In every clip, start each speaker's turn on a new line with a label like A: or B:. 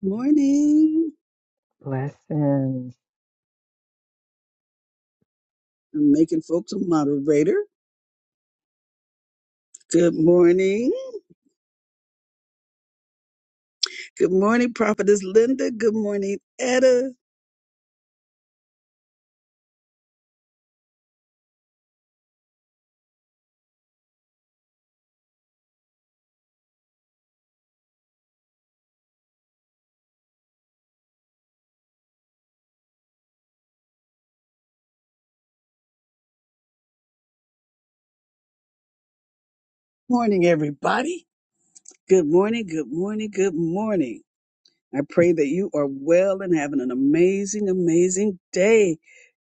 A: Morning.
B: Blessings.
A: I'm making folks a moderator. Good morning. Good morning, Prophetess Linda. Good morning, Etta. Morning, everybody. Good morning, good morning, good morning. I pray that you are well and having an amazing, amazing day.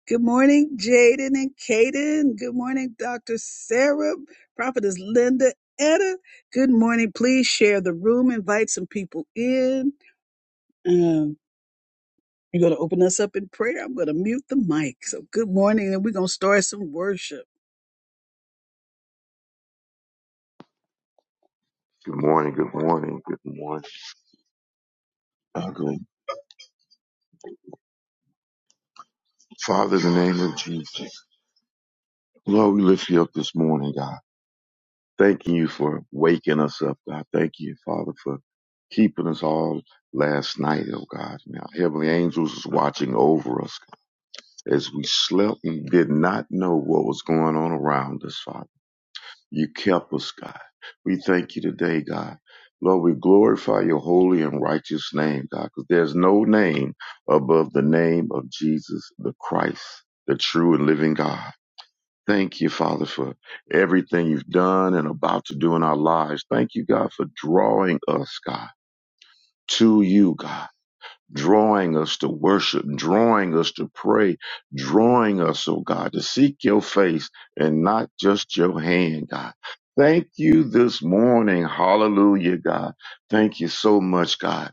A: Good morning, Jaden and Kaden. Good morning, Dr. Sarah, Prophetess Linda, Etta. Good morning. Please share the room, invite some people in. Um, You're going to open us up in prayer. I'm going to mute the mic. So, good morning, and we're going to start some worship.
C: Good morning, good morning, good morning. Uh, good. Father, in the name of Jesus, Lord, we lift you up this morning, God. Thanking you for waking us up, God. Thank you, Father, for keeping us all last night, oh God. Now, heavenly angels is watching over us as we slept and did not know what was going on around us, Father. You kept us, God. We thank you today, God. Lord, we glorify your holy and righteous name, God, because there's no name above the name of Jesus the Christ, the true and living God. Thank you, Father, for everything you've done and about to do in our lives. Thank you, God, for drawing us, God, to you, God drawing us to worship, drawing us to pray, drawing us, oh God, to seek your face and not just your hand, God. Thank you this morning. Hallelujah, God. Thank you so much, God.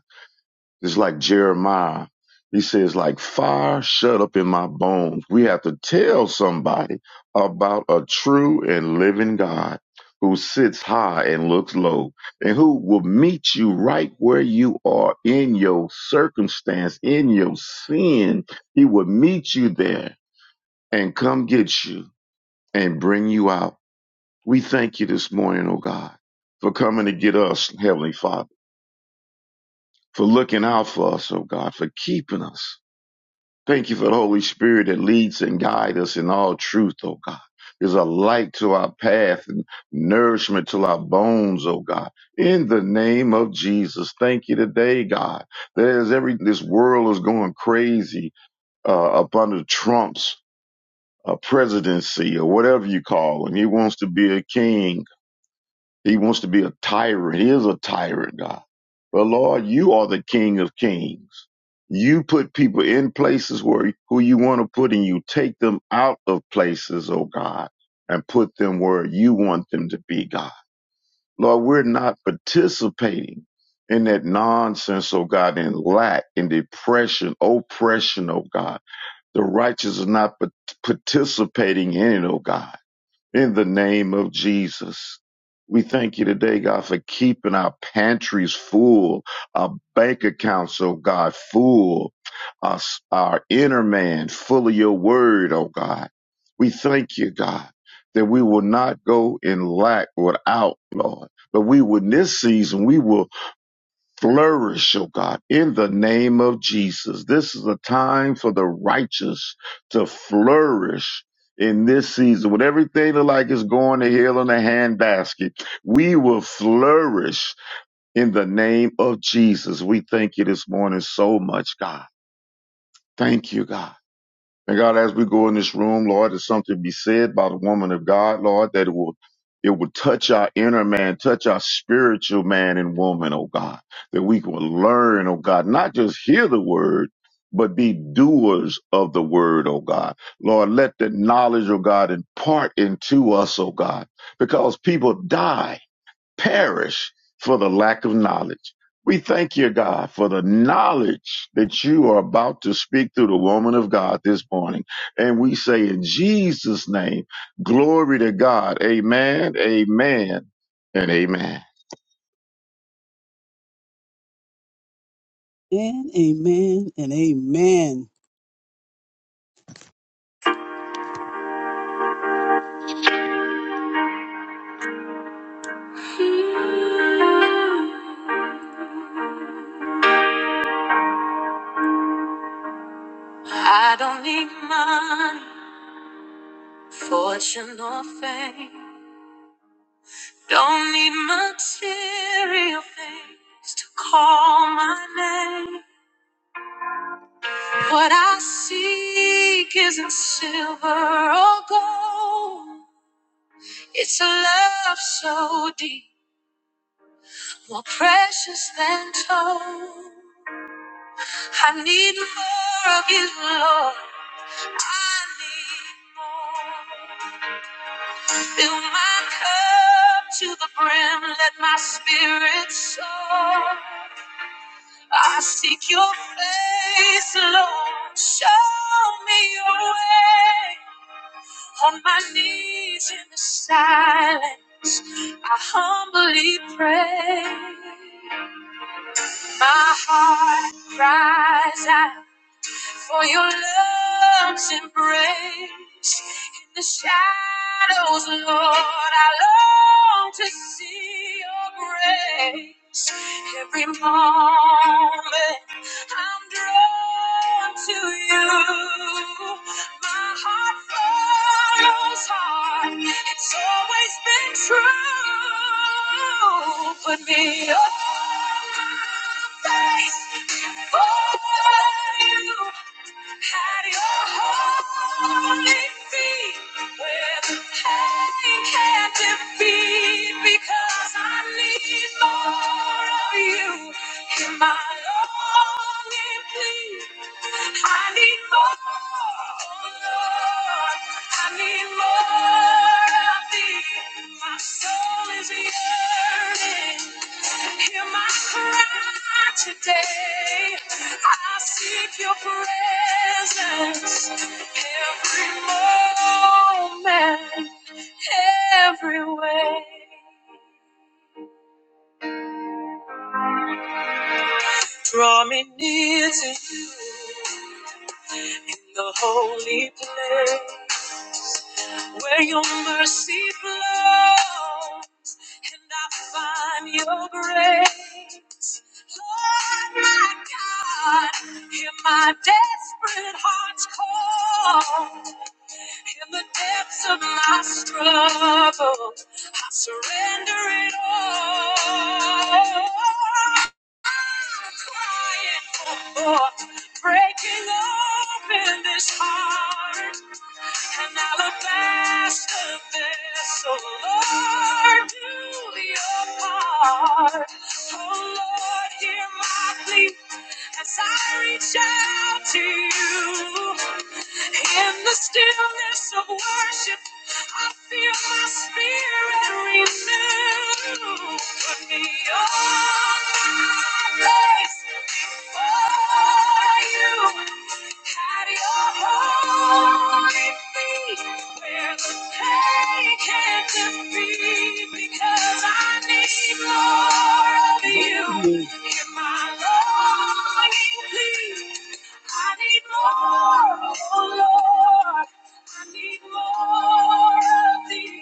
C: It's like Jeremiah. He says, like fire shut up in my bones. We have to tell somebody about a true and living God who sits high and looks low and who will meet you right where you are in your circumstance, in your sin. He will meet you there and come get you and bring you out. We thank you this morning, oh God, for coming to get us, Heavenly Father, for looking out for us, oh God, for keeping us Thank you for the Holy Spirit that leads and guides us in all truth, oh God. Is a light to our path and nourishment to our bones, oh God. In the name of Jesus, thank you today, God. There's every this world is going crazy uh, up under Trump's uh, presidency or whatever you call him. He wants to be a king he wants to be a tyrant. He is a tyrant, God. But Lord, you are the King of Kings. You put people in places where who you want to put, and you take them out of places, oh God, and put them where you want them to be, God. Lord, we're not participating in that nonsense, oh God, in lack, in depression, oppression, oh God. The righteous are not pa- participating in it, oh God. In the name of Jesus, we thank you today, God, for keeping our pantries full, our bank accounts, oh God, full, our our inner man full of your word, oh God. We thank you, God, that we will not go in lack without, Lord, but we will in this season, we will flourish, oh God, in the name of Jesus. This is a time for the righteous to flourish in this season. With everything that like is going to hell in a handbasket, we will flourish in the name of Jesus. We thank you this morning so much, God. Thank you, God. And God, as we go in this room, Lord, there's something to be said by the woman of God, Lord, that it will it will touch our inner man, touch our spiritual man and woman, oh God, that we can learn, oh God, not just hear the word, but be doers of the word, oh God. Lord, let the knowledge, oh God, impart into us, oh God, because people die perish for the lack of knowledge. We thank you, God, for the knowledge that you are about to speak through the woman of God this morning. And we say in Jesus' name, glory to God. Amen, amen, and amen.
A: And amen and amen. I don't need money, fortune, or fame. Don't need material things to call my name. What I seek isn't silver or gold, it's a love so deep. More precious than gold. I need more of you, Lord. I need more. Fill my cup to the brim. Let my spirit soar. I seek your face, Lord. Show me your way. On my knees in the silence, I humbly pray. My heart cries out. for your love's embrace in the shadows, Lord. I long to see your grace every moment. I'm drawn to you. My heart follows heart. It's always been true. Put me on my face for you. Hide your holy feet where the pain can't defeat because I need more of you in my longing plea. I need more, oh Lord. I need more of thee. My soul is yearning. Hear my cry today. I seek your presence every moment, every way. Draw me near to you. in the holy place where your mercy flows and I find your grace. Lord, my God, hear my desperate heart's call. In the depths of my struggle, I surrender it all crying for breaking open this heart, an alabaster vessel. Lord, do your part. Oh Lord, hear my plea as I reach out to you. In the stillness of worship, I feel my spirit renew. Put me on my face before you. At your holy feet, where the pain can set them free because I need more of you. In my longing plea, I need more, oh Lord. I need more of thee.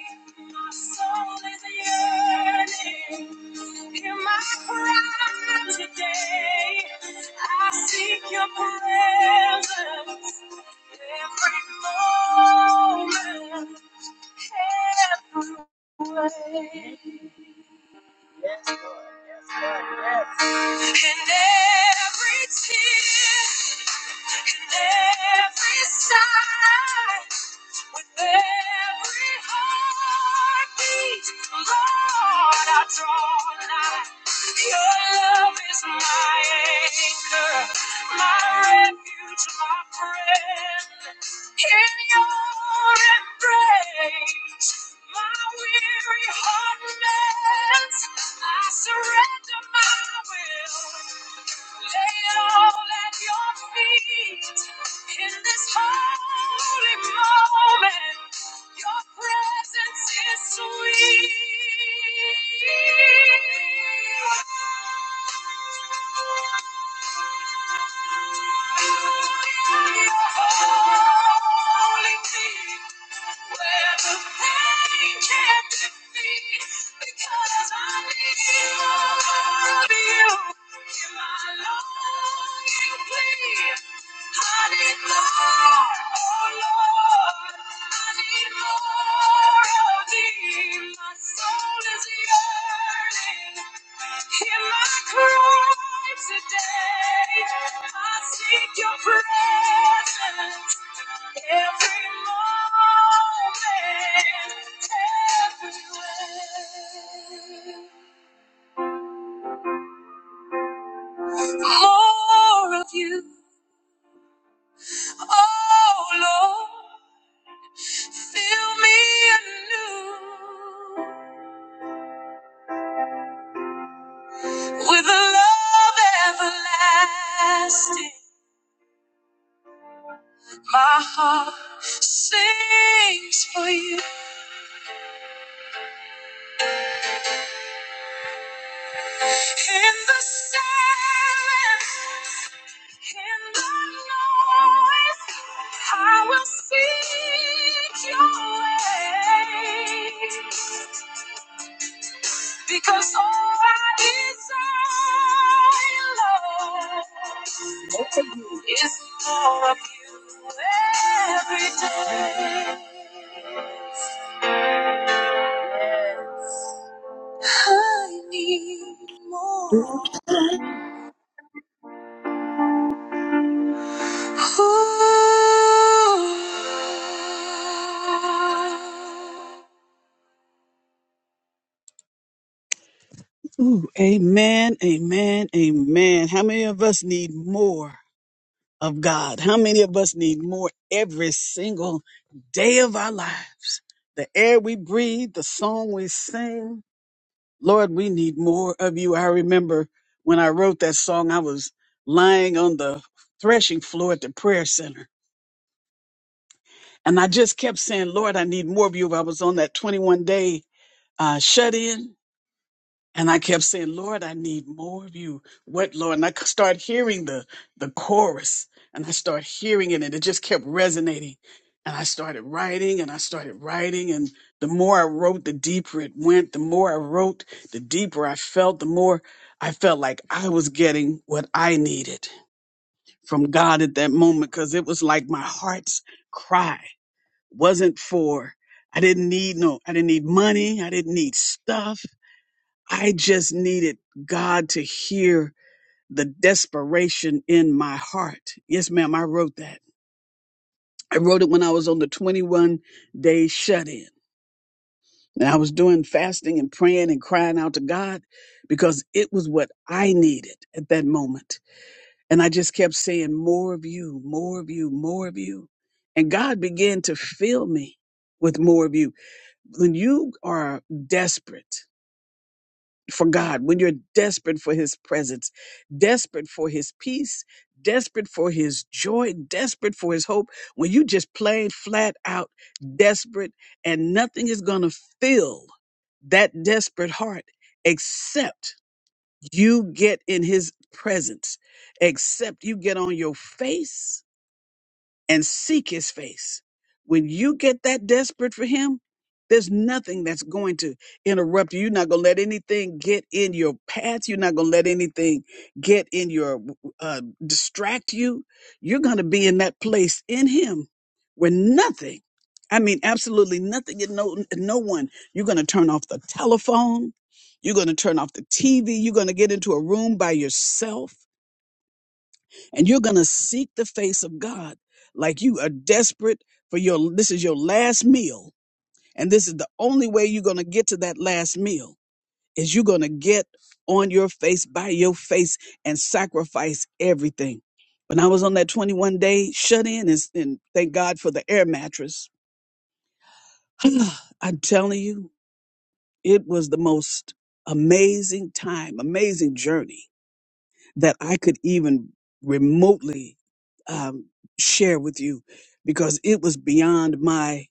A: My soul is yearning. Hear my cry today. I seek your presence every moment away. Yes, Lord. Yes, Lord. Yes. And every tear, and every sigh. With every heartbeat, Lord, I draw nigh. Your love is my anchor, my refuge, my friend. In your embrace, my weary heart mends. I surrender my will. Lay it all at your feet in this holy moment. Your presence is sweet. Your holy feet, where the pain can't defeat, because I need more of you. Hear my longing plea. I need more, oh Lord. I need more of Thee. My soul is yearning. Hear my cry today. I seek Your presence every moment, everywhere. More of You. Oh Lord, fill me anew. with a love everlasting. My heart sings for you in the silence, in the noise. I will seek your way. Because all I desire, Lord, is more of you every day. Yes. I need more.
D: Thank
A: Ooh, Ooh, amen, amen, amen. How many of us need more? of God. How many of us need more every single day of our lives? The air we breathe, the song we sing. Lord, we need more of you. I remember when I wrote that song, I was lying on the threshing floor at the prayer center. And I just kept saying, Lord, I need more of you. I was on that 21 day uh, shut in And I kept saying, Lord, I need more of you. What, Lord? And I c- started hearing the, the chorus and I started hearing it and it just kept resonating. And I started writing and I started writing. And the more I wrote, the deeper it went. The more I wrote, the deeper I felt, the more I felt like I was getting what I needed from God at that moment. Cause it was like my heart's cry wasn't for, I didn't need no, I didn't need money. I didn't need stuff. I just needed God to hear the desperation in my heart. Yes, ma'am, I wrote that. I wrote it when I was on the 21 day shut in. And I was doing fasting and praying and crying out to God because it was what I needed at that moment. And I just kept saying, More of you, more of you, more of you. And God began to fill me with more of you. When you are desperate, for God, when you're desperate for His presence, desperate for His peace, desperate for His joy, desperate for His hope, when you just plain flat out desperate and nothing is going to fill that desperate heart except you get in His presence, except you get on your face and seek his face. When you get that desperate for him, there's nothing that's going to interrupt you. You're not going to let anything get in your path. You're not going to let anything get in your, uh, distract you. You're going to be in that place in him where nothing, I mean, absolutely nothing and no, no one, you're going to turn off the telephone. You're going to turn off the TV. You're going to get into a room by yourself and you're going to seek the face of God like you are desperate for your this is your last meal and this is the only way you're going to get to that last meal is you're going to get on your face by your face and sacrifice everything when i was on that 21 day shut in and, and thank god for the air mattress i'm telling you it was the most amazing time amazing journey that I could even remotely um, share with you because it was beyond my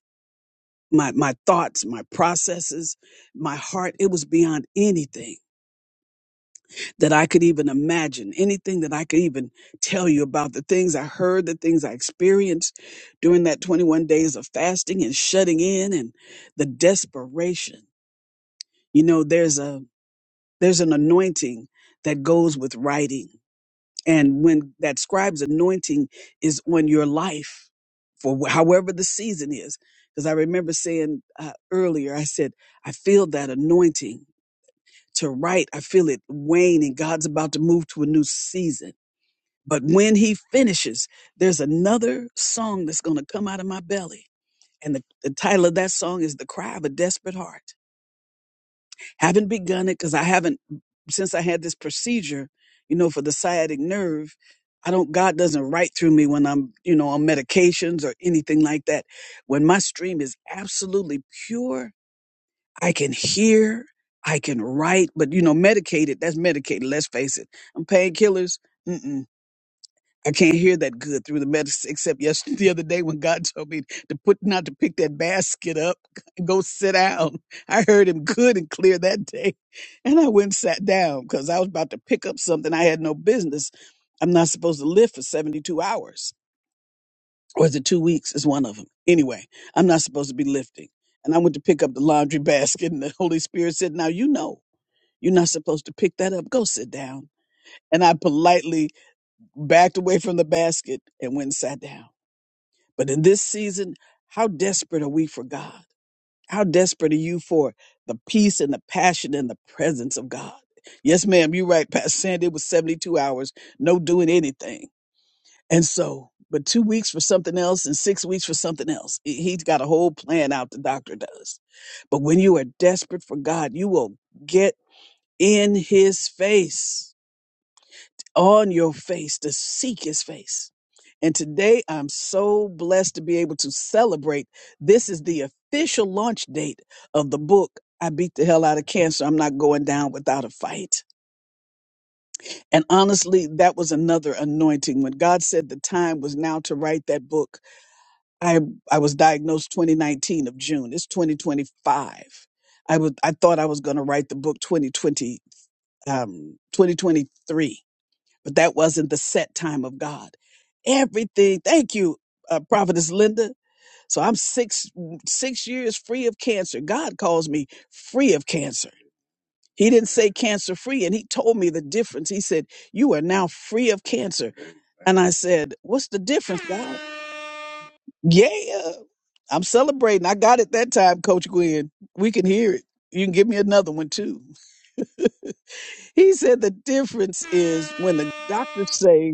A: my my thoughts, my processes, my heart. It was beyond anything that I could even imagine, anything that I could even tell you about the things I heard, the things I experienced during that 21 days of fasting and shutting in and the desperation. You know, there's a there's an anointing that goes with writing And when that scribe's anointing is on your life for wh- however the season is, because I remember saying uh, earlier, I said, I feel that anointing to write. I feel it wane and God's about to move to a new season. But when he finishes, there's another song that's going to come out of my belly. And the, the title of that song is The Cry of a Desperate Heart. Haven't begun it because I haven't since I had this procedure, you know, for the sciatic nerve. I don't God doesn't write through me when I'm, you know, on medications or anything like that. When my stream is absolutely pure, I can hear, I can write, but you know, medicated, that's medicated, let's face it. I'm painkillers. Mm-mm. I can't hear that good through the medicine, except yesterday, the other day when God told me to put not to pick that basket up, go sit down. I heard him good and clear that day. And I went and sat down because I was about to pick up something I had no business. I'm not supposed to lift for 72 hours. Or is it two weeks? Is one of them. Anyway, I'm not supposed to be lifting. And I went to pick up the laundry basket, and the Holy Spirit said, Now you know you're not supposed to pick that up. Go sit down. And I politely backed away from the basket and went and sat down. But in this season, how desperate are we for God? How desperate are you for the peace and the passion and the presence of God? Yes, ma'am, you're right, Pastor Sandy. It was 72 hours, no doing anything. And so, but two weeks for something else and six weeks for something else. He- He's got a whole plan out, the doctor does. But when you are desperate for God, you will get in his face on your face to seek his face. And today I'm so blessed to be able to celebrate. This is the official launch date of the book. I beat the hell out of cancer. I'm not going down without a fight. And honestly, that was another anointing. When God said the time was now to write that book, I I was diagnosed 2019 of June. It's 2025. I was I thought I was going to write the book 2020 um 2023 but that wasn't the set time of God. Everything. Thank you, uh, Prophetess Linda. So I'm six six years free of cancer. God calls me free of cancer. He didn't say cancer free, and he told me the difference. He said, "You are now free of cancer." And I said, "What's the difference, God?" Yeah, I'm celebrating. I got it that time, Coach Gwen. We can hear it. You can give me another one too. He said the difference is when the doctors say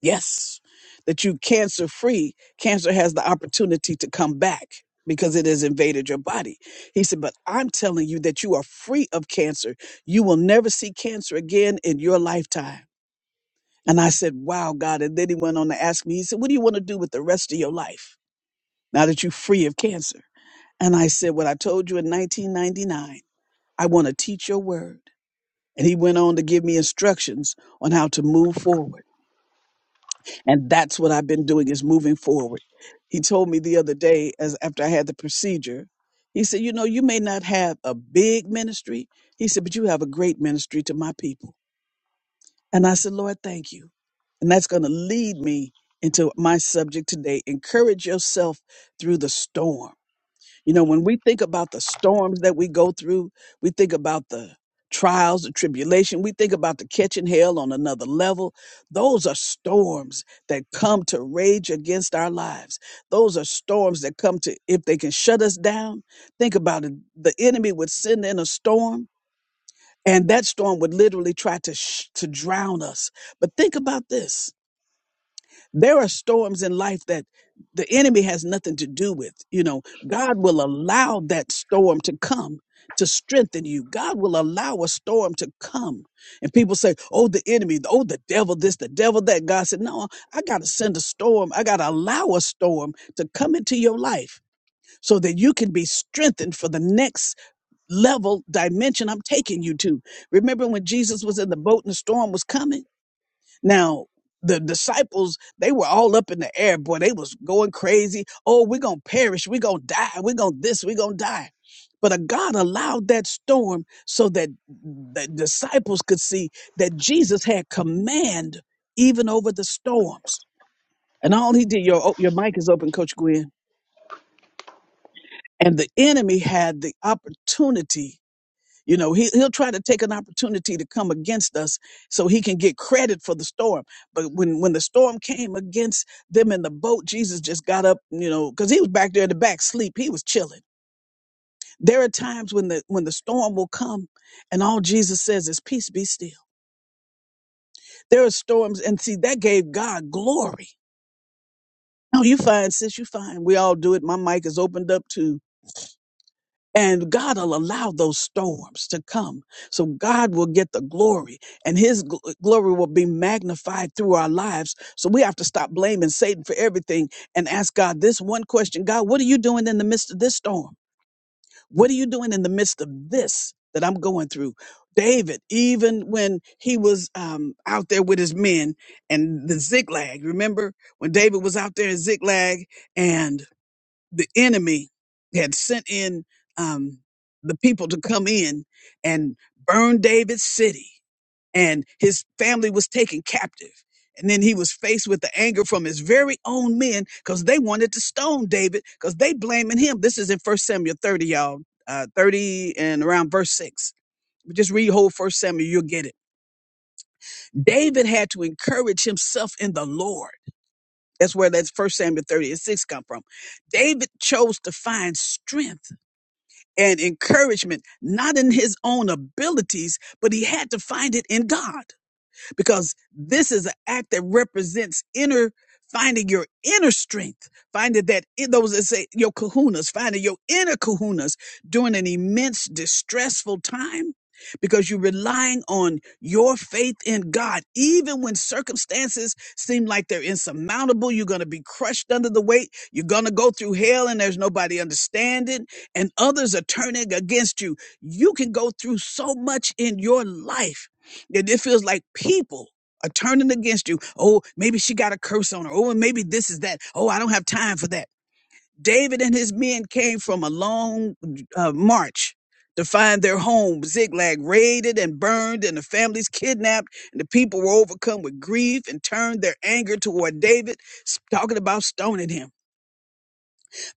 A: Yes, that you cancer free, cancer has the opportunity to come back because it has invaded your body. He said, But I'm telling you that you are free of cancer. You will never see cancer again in your lifetime. And I said, Wow, God. And then he went on to ask me, He said, What do you want to do with the rest of your life now that you're free of cancer? And I said, What I told you in 1999, I want to teach your word. And he went on to give me instructions on how to move forward. and that's what i've been doing is moving forward he told me the other day as after i had the procedure he said you know you may not have a big ministry he said but you have a great ministry to my people and i said lord thank you and that's going to lead me into my subject today encourage yourself through the storm you know, when we think about the storms that we go through, we think about the trials, the tribulation, we think about the catching hell on another level. Those are storms that come to rage against our lives. Those are storms that come to, if they can shut us down, think about it. The enemy would send in a storm and that storm would literally try to, sh- to drown us. But think about this. There are storms in life that the enemy has nothing to do with. You know, God will allow that storm to come to strengthen you. God will allow a storm to come. And people say, oh, the enemy, oh, the devil, this, the devil, that. God said, no, I got to send a storm. I got to allow a storm to come into your life so that you can be strengthened for the next level dimension I'm taking you to. Remember when Jesus was in the boat and the storm was coming? Now, the disciples, they were all up in the air, boy. They was going crazy. Oh, we're going to perish. We're going to die. We're going to this. We're going to die. But a God allowed that storm so that the disciples could see that Jesus had command even over the storms. And all he did, your, oh, your mic is open, Coach Gwen. And the enemy had the opportunity you know, he, he'll try to take an opportunity to come against us so he can get credit for the storm. But when, when the storm came against them in the boat, Jesus just got up, you know, because he was back there in the back sleep. He was chilling. There are times when the when the storm will come and all Jesus says is peace be still. There are storms and see that gave God glory. Oh, you fine, sis, you fine. We all do it. My mic is opened up too. And God will allow those storms to come. So God will get the glory and his gl- glory will be magnified through our lives. So we have to stop blaming Satan for everything and ask God this one question God, what are you doing in the midst of this storm? What are you doing in the midst of this that I'm going through? David, even when he was um, out there with his men and the zigzag, remember when David was out there in zigzag and the enemy had sent in um, the people to come in and burn David's city, and his family was taken captive. And then he was faced with the anger from his very own men because they wanted to stone David because they blaming him. This is in First Samuel 30, y'all, uh, 30 and around verse 6. Just read whole First Samuel, you'll get it. David had to encourage himself in the Lord. That's where that's First Samuel 30 and 6 come from. David chose to find strength and encouragement, not in his own abilities, but he had to find it in God because this is an act that represents inner finding your inner strength finding that in those that say your kahunas finding your inner kahunas during an immense distressful time because you're relying on your faith in God even when circumstances seem like they're insurmountable you're going to be crushed under the weight you're going to go through hell and there's nobody understanding and others are turning against you you can go through so much in your life it, it feels like people are turning against you. Oh, maybe she got a curse on her. Oh, and maybe this is that. Oh, I don't have time for that. David and his men came from a long uh, march to find their home, Ziklag, raided and burned, and the families kidnapped, and the people were overcome with grief and turned their anger toward David, s- talking about stoning him.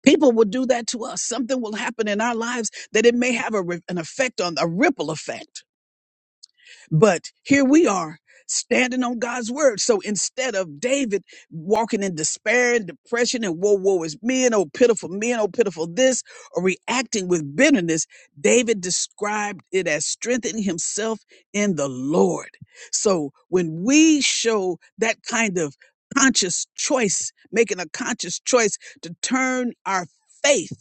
A: People will do that to us. Something will happen in our lives that it may have a, re- an effect on a ripple effect but here we are standing on God's word. So instead of David walking in despair and depression and woe, woe is me and oh pitiful me and oh pitiful this or reacting with bitterness, David described it as strengthening himself in the Lord. So when we show that kind of conscious choice, making a conscious choice to turn our faith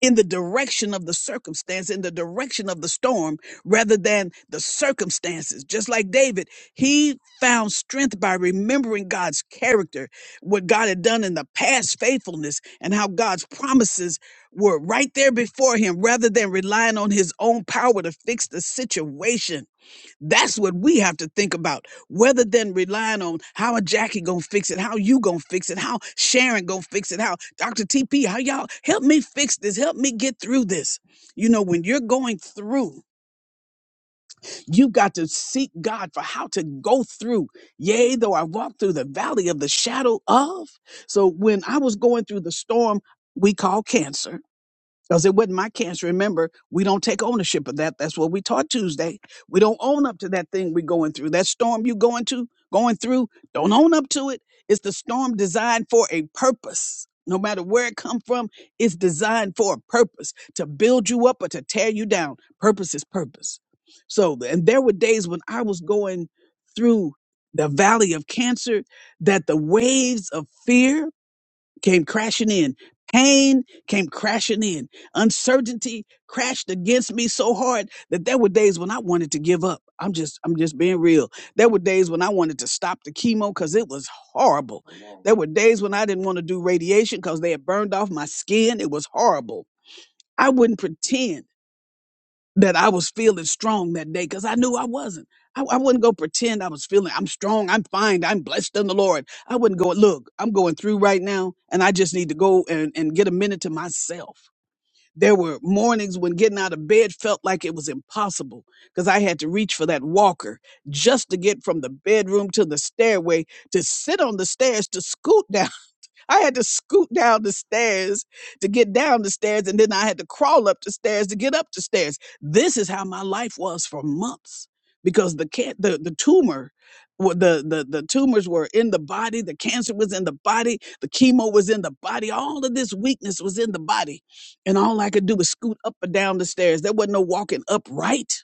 A: in the direction of the circumstance, in the direction of the storm, rather than the circumstances. Just like David, he found strength by remembering God's character, what God had done in the past faithfulness, and how God's promises were right there before him, rather than relying on his own power to fix the situation. That's what we have to think about, rather than relying on how a Jackie gonna fix it, how you gonna fix it, how Sharon gonna fix it, how Dr. TP, how y'all help me fix this, help me get through this. You know, when you're going through, you got to seek God for how to go through. Yea, though I walk through the valley of the shadow of. So when I was going through the storm we call cancer, because it wasn't my cancer. Remember, we don't take ownership of that. That's what we taught Tuesday. We don't own up to that thing we're going through. That storm you going to going through, don't own up to it. It's the storm designed for a purpose. No matter where it come from, it's designed for a purpose to build you up or to tear you down. Purpose is purpose. So, and there were days when I was going through the valley of cancer that the waves of fear came crashing in. Pain came crashing in. Uncertainty crashed against me so hard that there were days when I wanted to give up. I'm just, I'm just being real. There were days when I wanted to stop the chemo because it was horrible. There were days when I didn't want to do radiation because they had burned off my skin. It was horrible. I wouldn't pretend that I was feeling strong that day because I knew I wasn't. I, I wouldn't go pretend I was feeling I'm strong, I'm fine, I'm blessed in the Lord. I wouldn't go, look, I'm going through right now and I just need to go and, and get a minute to myself. There were mornings when getting out of bed felt like it was impossible because I had to reach for that walker just to get from the bedroom to the stairway to sit on the stairs to scoot down I had to scoot down the stairs to get down the stairs, and then I had to crawl up the stairs to get up the stairs. This is how my life was for months because the can- the the tumor, wa- the the the tumors were in the body, the cancer was in the body, the chemo was in the body, all of this weakness was in the body, and all I could do was scoot up and down the stairs. There wasn't no walking upright,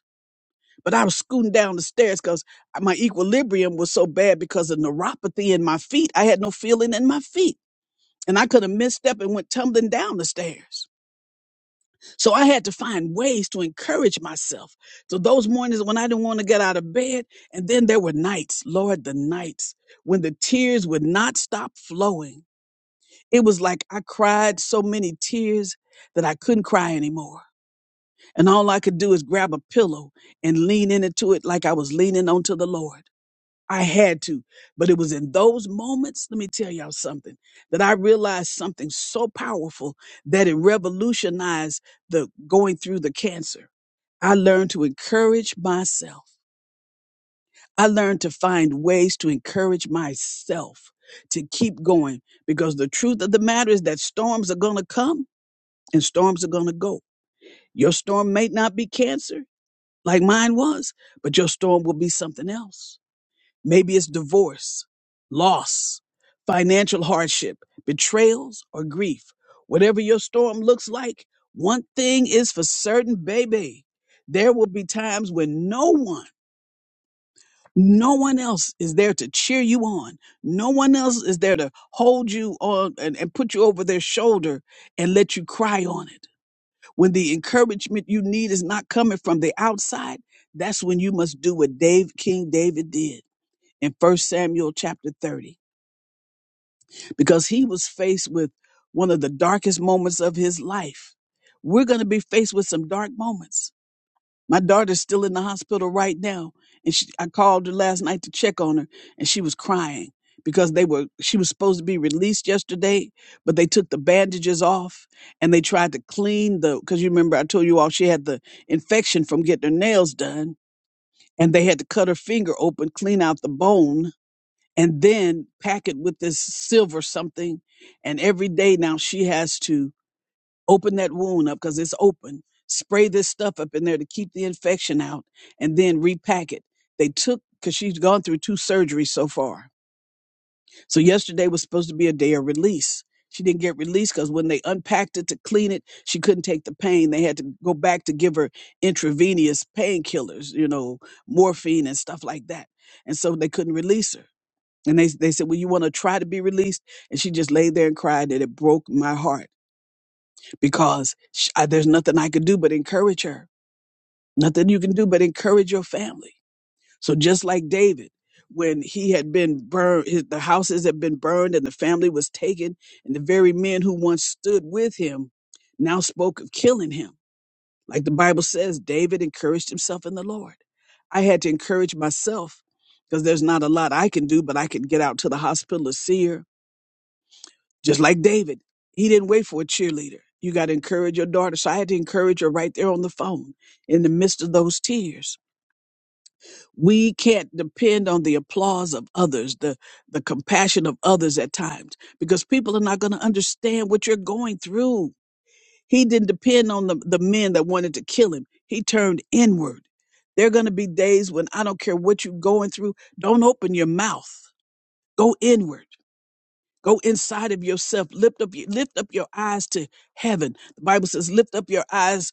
A: but I was scooting down the stairs because my equilibrium was so bad because of neuropathy in my feet. I had no feeling in my feet and I could have misstepped and went tumbling down the stairs. So I had to find ways to encourage myself. So those mornings when I didn't want to get out of bed, and then there were nights, Lord, the nights when the tears would not stop flowing. It was like I cried so many tears that I couldn't cry anymore. And all I could do is grab a pillow and lean into it like I was leaning onto the Lord. I had to. But it was in those moments, let me tell y'all something, that I realized something so powerful that it revolutionized the going through the cancer. I learned to encourage myself. I learned to find ways to encourage myself to keep going because the truth of the matter is that storms are going to come and storms are going to go. Your storm may not be cancer like mine was, but your storm will be something else. Maybe it's divorce, loss, financial hardship, betrayals, or grief. Whatever your storm looks like, one thing is for certain, baby. There will be times when no one, no one else is there to cheer you on. No one else is there to hold you on and, and put you over their shoulder and let you cry on it. When the encouragement you need is not coming from the outside, that's when you must do what Dave King David did in First Samuel chapter 30 because he was faced with one of the darkest moments of his life. We're going to be faced with some dark moments. My daughter's still in the hospital right now and she, I called her last night to check on her and she was crying because they were she was supposed to be released yesterday but they took the bandages off and they tried to clean the cuz you remember I told you all she had the infection from getting her nails done and they had to cut her finger open clean out the bone and then pack it with this silver something. And every day now she has to open that wound up because it's open, spray this stuff up in there to keep the infection out, and then repack it. They took, because she's gone through two surgeries so far. So yesterday was supposed to be a day of release. She didn't get released because when they unpacked it to clean it, she couldn't take the pain. They had to go back to give her intravenous painkillers, you know, morphine and stuff like that. And so they couldn't release her. And they, they said, Well, you want to try to be released? And she just laid there and cried, and it broke my heart because sh I, there's nothing I could do but encourage her. Nothing you can do but encourage your family. So, just like David, when he had been burned, his, the houses had been burned and the family was taken, and the very men who once stood with him now spoke of killing him. Like the Bible says, David encouraged himself in the Lord. I had to encourage myself because there's not a lot I can do, but I can get out to the hospital to see her. Just like David, he didn't wait for a cheerleader. You got to encourage your daughter. So I had to encourage her right there on the phone in the midst of those tears. We can't depend on the applause of others, the, the compassion of others at times, because people are not going to understand what you're going through. He didn't depend on the, the men that wanted to kill him. He turned inward. There are going to be days when I don't care what you're going through, don't open your mouth. Go inward Go inside of yourself. Lift up, lift up your eyes to heaven. The Bible says, lift up your eyes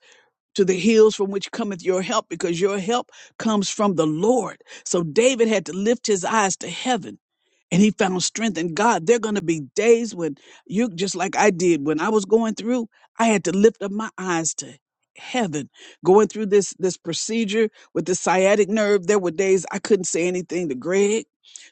A: to the hills from which cometh your help, because your help comes from the Lord. So David had to lift his eyes to heaven and he found strength in God. There are going to be days when you, just like I did when I was going through, I had to lift up my eyes to heaven going through this this procedure with the sciatic nerve there were days i couldn't say anything to greg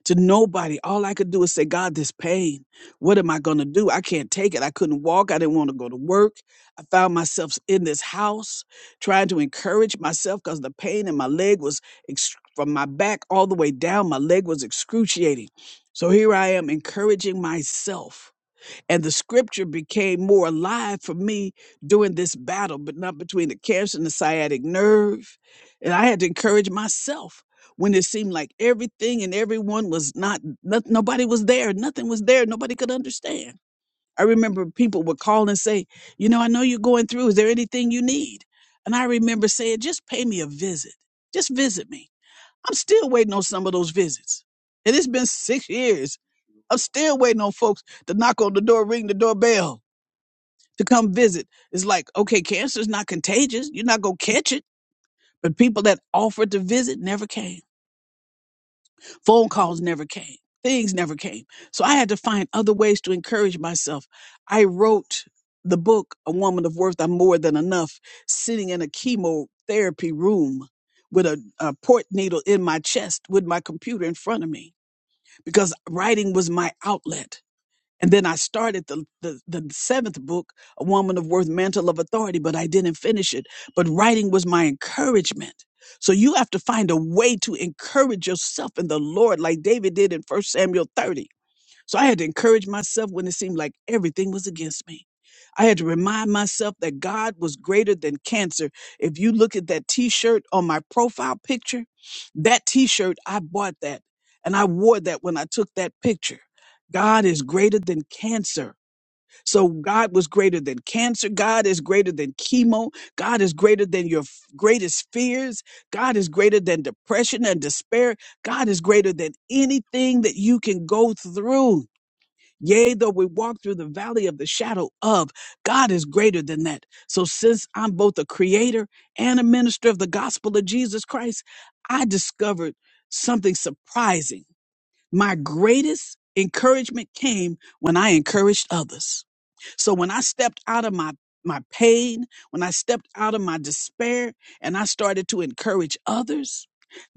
A: to nobody all i could do is say god this pain what am i going to do i can't take it i couldn't walk i didn't want to go to work i found myself in this house trying to encourage myself because the pain in my leg was ex- from my back all the way down my leg was excruciating so here I am encouraging myself. And the scripture became more alive for me during this battle, but not between the cancer and the sciatic nerve. And I had to encourage myself when it seemed like everything and everyone was not, not nobody was there, nothing was there, nobody could understand. I remember people would call and say, You know, I know you're going through. Is there anything you need? And I remember saying, Just pay me a visit. Just visit me. I'm still waiting on some of those visits. And it's been six years I'm still waiting on folks to knock on the door, ring the doorbell to come visit. It's like, okay, cancer's not contagious. You're not going to catch it. But people that offered to visit never came. Phone calls never came. Things never came. So I had to find other ways to encourage myself. I wrote the book, A Woman of Worth, I'm More Than Enough, sitting in a chemotherapy room with a, a port needle in my chest with my computer in front of me because writing was my outlet. And then I started the, the, the seventh book, A Woman of Worth, Mantle of Authority, but I didn't finish it. But writing was my encouragement. So you have to find a way to encourage yourself in the Lord, like David did in First Samuel 30. So I had to encourage myself when it seemed like everything was against me. I had to remind myself that God was greater than cancer. If you look at that t shirt on my profile picture, that t shirt, I bought that and I wore that when I took that picture. God is greater than cancer. So God was greater than cancer. God is greater than chemo. God is greater than your f- greatest fears. God is greater than depression and despair. God is greater than anything that you can go through. Yea, though we walk through the valley of the shadow of, God is greater than that. So, since I'm both a creator and a minister of the gospel of Jesus Christ, I discovered something surprising. My greatest encouragement came when I encouraged others. So when I stepped out of my my pain, when I stepped out of my despair and I started to encourage others,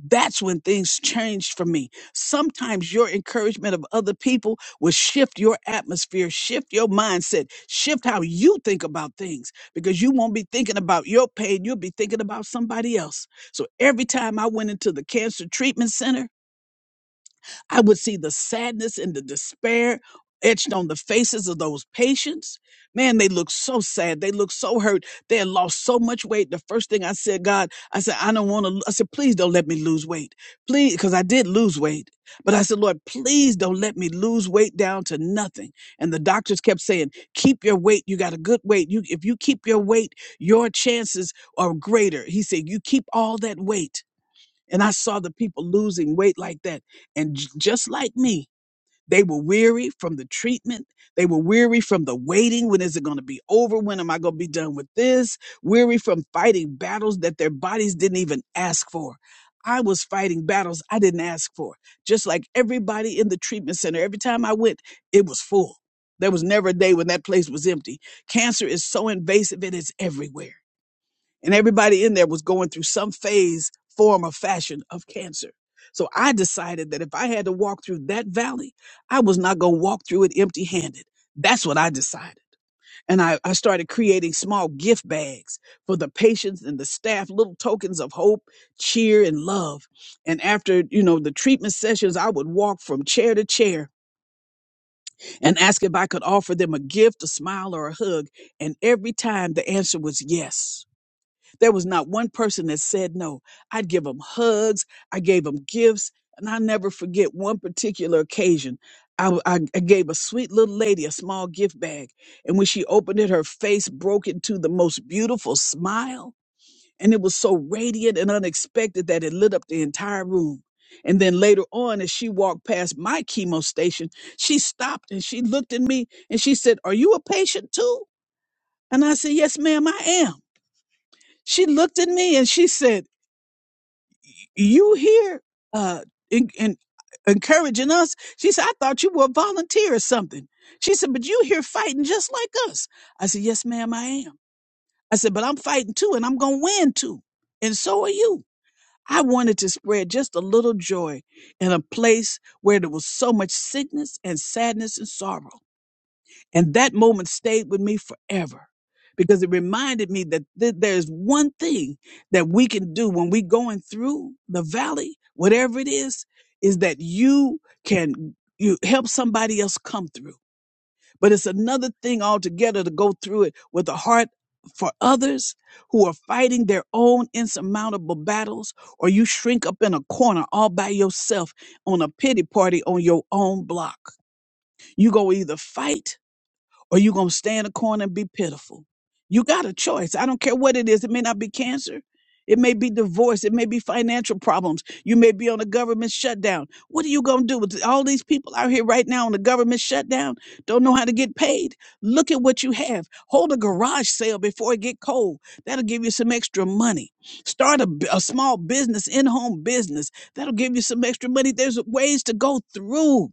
A: that's when things changed for me. Sometimes your encouragement of other people will shift your atmosphere, shift your mindset, shift how you think about things because you won't be thinking about your pain. You'll be thinking about somebody else. So every time I went into the cancer treatment center, I would see the sadness and the despair etched on the faces of those patients. Man, they look so sad. They look so hurt. They had lost so much weight. The first thing I said, God, I said, I don't want to. I said, please don't let me lose weight. Please, because I did lose weight. But I said, Lord, please don't let me lose weight down to nothing. And the doctors kept saying, keep your weight. You got a good weight. You, if you keep your weight, your chances are greater. He said, you keep all that weight. And I saw the people losing weight like that. And j- just like me, they were weary from the treatment. They were weary from the waiting. When is it going to be over? When am I going to be done with this? Weary from fighting battles that their bodies didn't even ask for. I was fighting battles I didn't ask for. Just like everybody in the treatment center, every time I went, it was full. There was never a day when that place was empty. Cancer is so invasive, it is everywhere and everybody in there was going through some phase, form, or fashion of cancer. So I decided that if I had to walk through that valley, I was not going to walk through it empty handed. That's what I decided. And I, I started creating small gift bags for the patients and the staff, little tokens of hope, cheer, and love. And after, you know, the treatment sessions, I would walk from chair to chair and ask if I could offer them a gift, a smile, or a hug. And every time the answer was yes. There was not one person that said no. I'd give them hugs. I gave them gifts. And I never forget one particular occasion. I I, I gave a sweet little lady a small gift bag. And when she opened it, her face broke into the most beautiful smile. And it was so radiant and unexpected that it lit up the entire room. And then later on, as she walked past my chemo station, she stopped and she looked at me and she said, Are you a patient too? And I said, Yes, ma'am, I am. She looked at me and she said, you here uh in, in encouraging us she said i thought you were a volunteer or something she said but you here fighting just like us i said yes ma'am i am i said but i'm fighting too and i'm gonna win too and so are you i wanted to spread just a little joy in a place where there was so much sickness and sadness and sorrow and that moment stayed with me forever because it reminded me that th- there's one thing that we can do when we going through the valley, whatever it is, is that you can you help somebody else come through. But it's another thing altogether to go through it with a heart for others who are fighting their own insurmountable battles, or you shrink up in a corner all by yourself on a pity party on your own block. You go either fight or you gonna stay in the corner and be pitiful. You got a choice. I don't care what it is. It may not be cancer. It may be divorce. It may be financial problems. You may be on a government shutdown. What are you going to do with all these people out here right now on the government shutdown? Don't know how to get paid. Look at what you have. Hold a garage sale before it get cold. That'll give you some extra money. Start a, b- a small business, in-home business. That'll give you some extra money. There's ways to go through.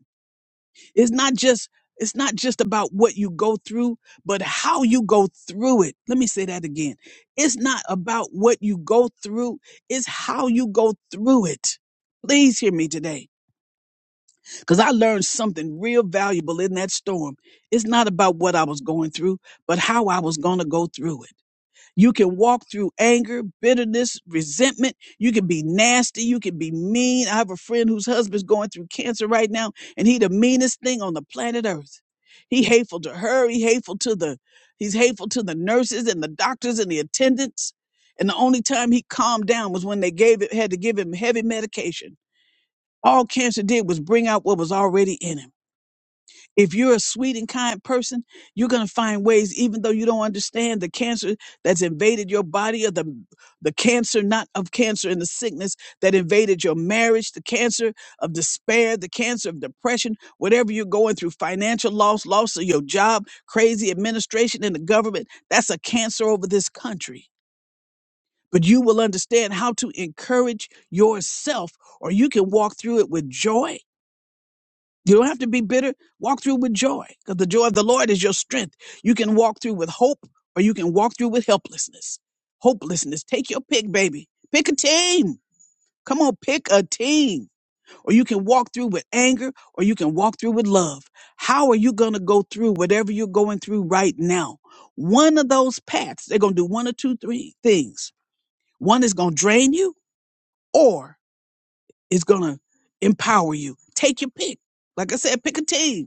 A: It's not just it's not just about what you go through, but how you go through it. Let me say that again. It's not about what you go through, it's how you go through it. Please hear me today cuz I learned something real valuable in that storm. It's not about what I was going through, but how I was going to go through it. You can walk through anger, bitterness, resentment. You can be nasty. You can be mean. I have a friend whose husband's going through cancer right now, and he the meanest thing on the planet Earth. He hateful to her. He hateful to the. He's hateful to the nurses and the doctors and the attendants. And the only time he calmed down was when they gave it had to give him heavy medication. All cancer did was bring out what was already in him. If you're a sweet and kind person, you're going to find ways, even though you don't understand the cancer that's invaded your body or the, the cancer, not of cancer and the sickness that invaded your marriage, the cancer of despair, the cancer of depression, whatever you're going through, financial loss, loss of your job, crazy administration in the government. That's a cancer over this country. But you will understand how to encourage yourself, or you can walk through it with joy you don't have to be bitter. Walk through with joy because the joy of the Lord is your strength. You can walk through with hope or you can walk through with helplessness. Hopelessness. Take your pick, baby. Pick a team. Come on, pick a team. Or you can walk through with anger or you can walk through with love. How are you going to go through whatever you're going through right now? One of those paths, they're going to do one or two, three things. One is going to drain you or it's going to empower you. Take your pick. Like I said, pick a team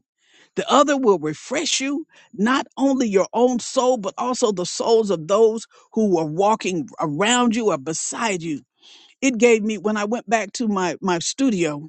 A: the other will refresh you, not only your own soul, but also the souls of those who are walking around you or beside you. It gave me, when I went back to my, my studio,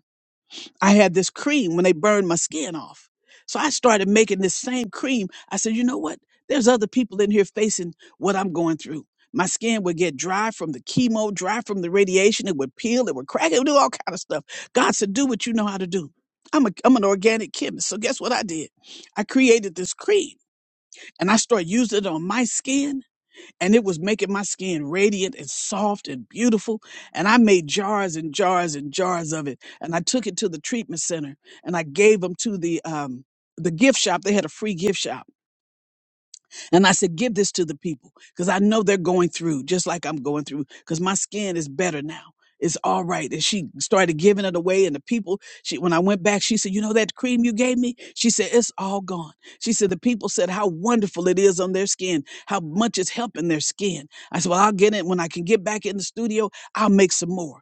A: I had this cream when they burned my skin off. So I started making this same cream. I said, you know what? There's other people in here facing what I'm going through. My skin would get dry from the chemo, dry from the radiation. It would peel, it would crack, it would do all kind of stuff. God said, do what you know how to do. I'm, a, I'm an organic chemist. So guess what I did? I created this cream and I started using it on my skin and it was making my skin radiant and soft and beautiful. And I made jars and jars and jars of it. And I took it to the treatment center and I gave them to the um the gift shop. They had a free gift shop and I said, Give this to the people because I know they're going through just like I'm going through because my skin is better now. It's all right. And she started giving it away. And the people, she when I went back, she said, You know that cream you gave me? She said, It's all gone. She said, The people said how wonderful it is on their skin, how much it's helping their skin. I said, Well, I'll get it when I can get back in the studio. I'll make some more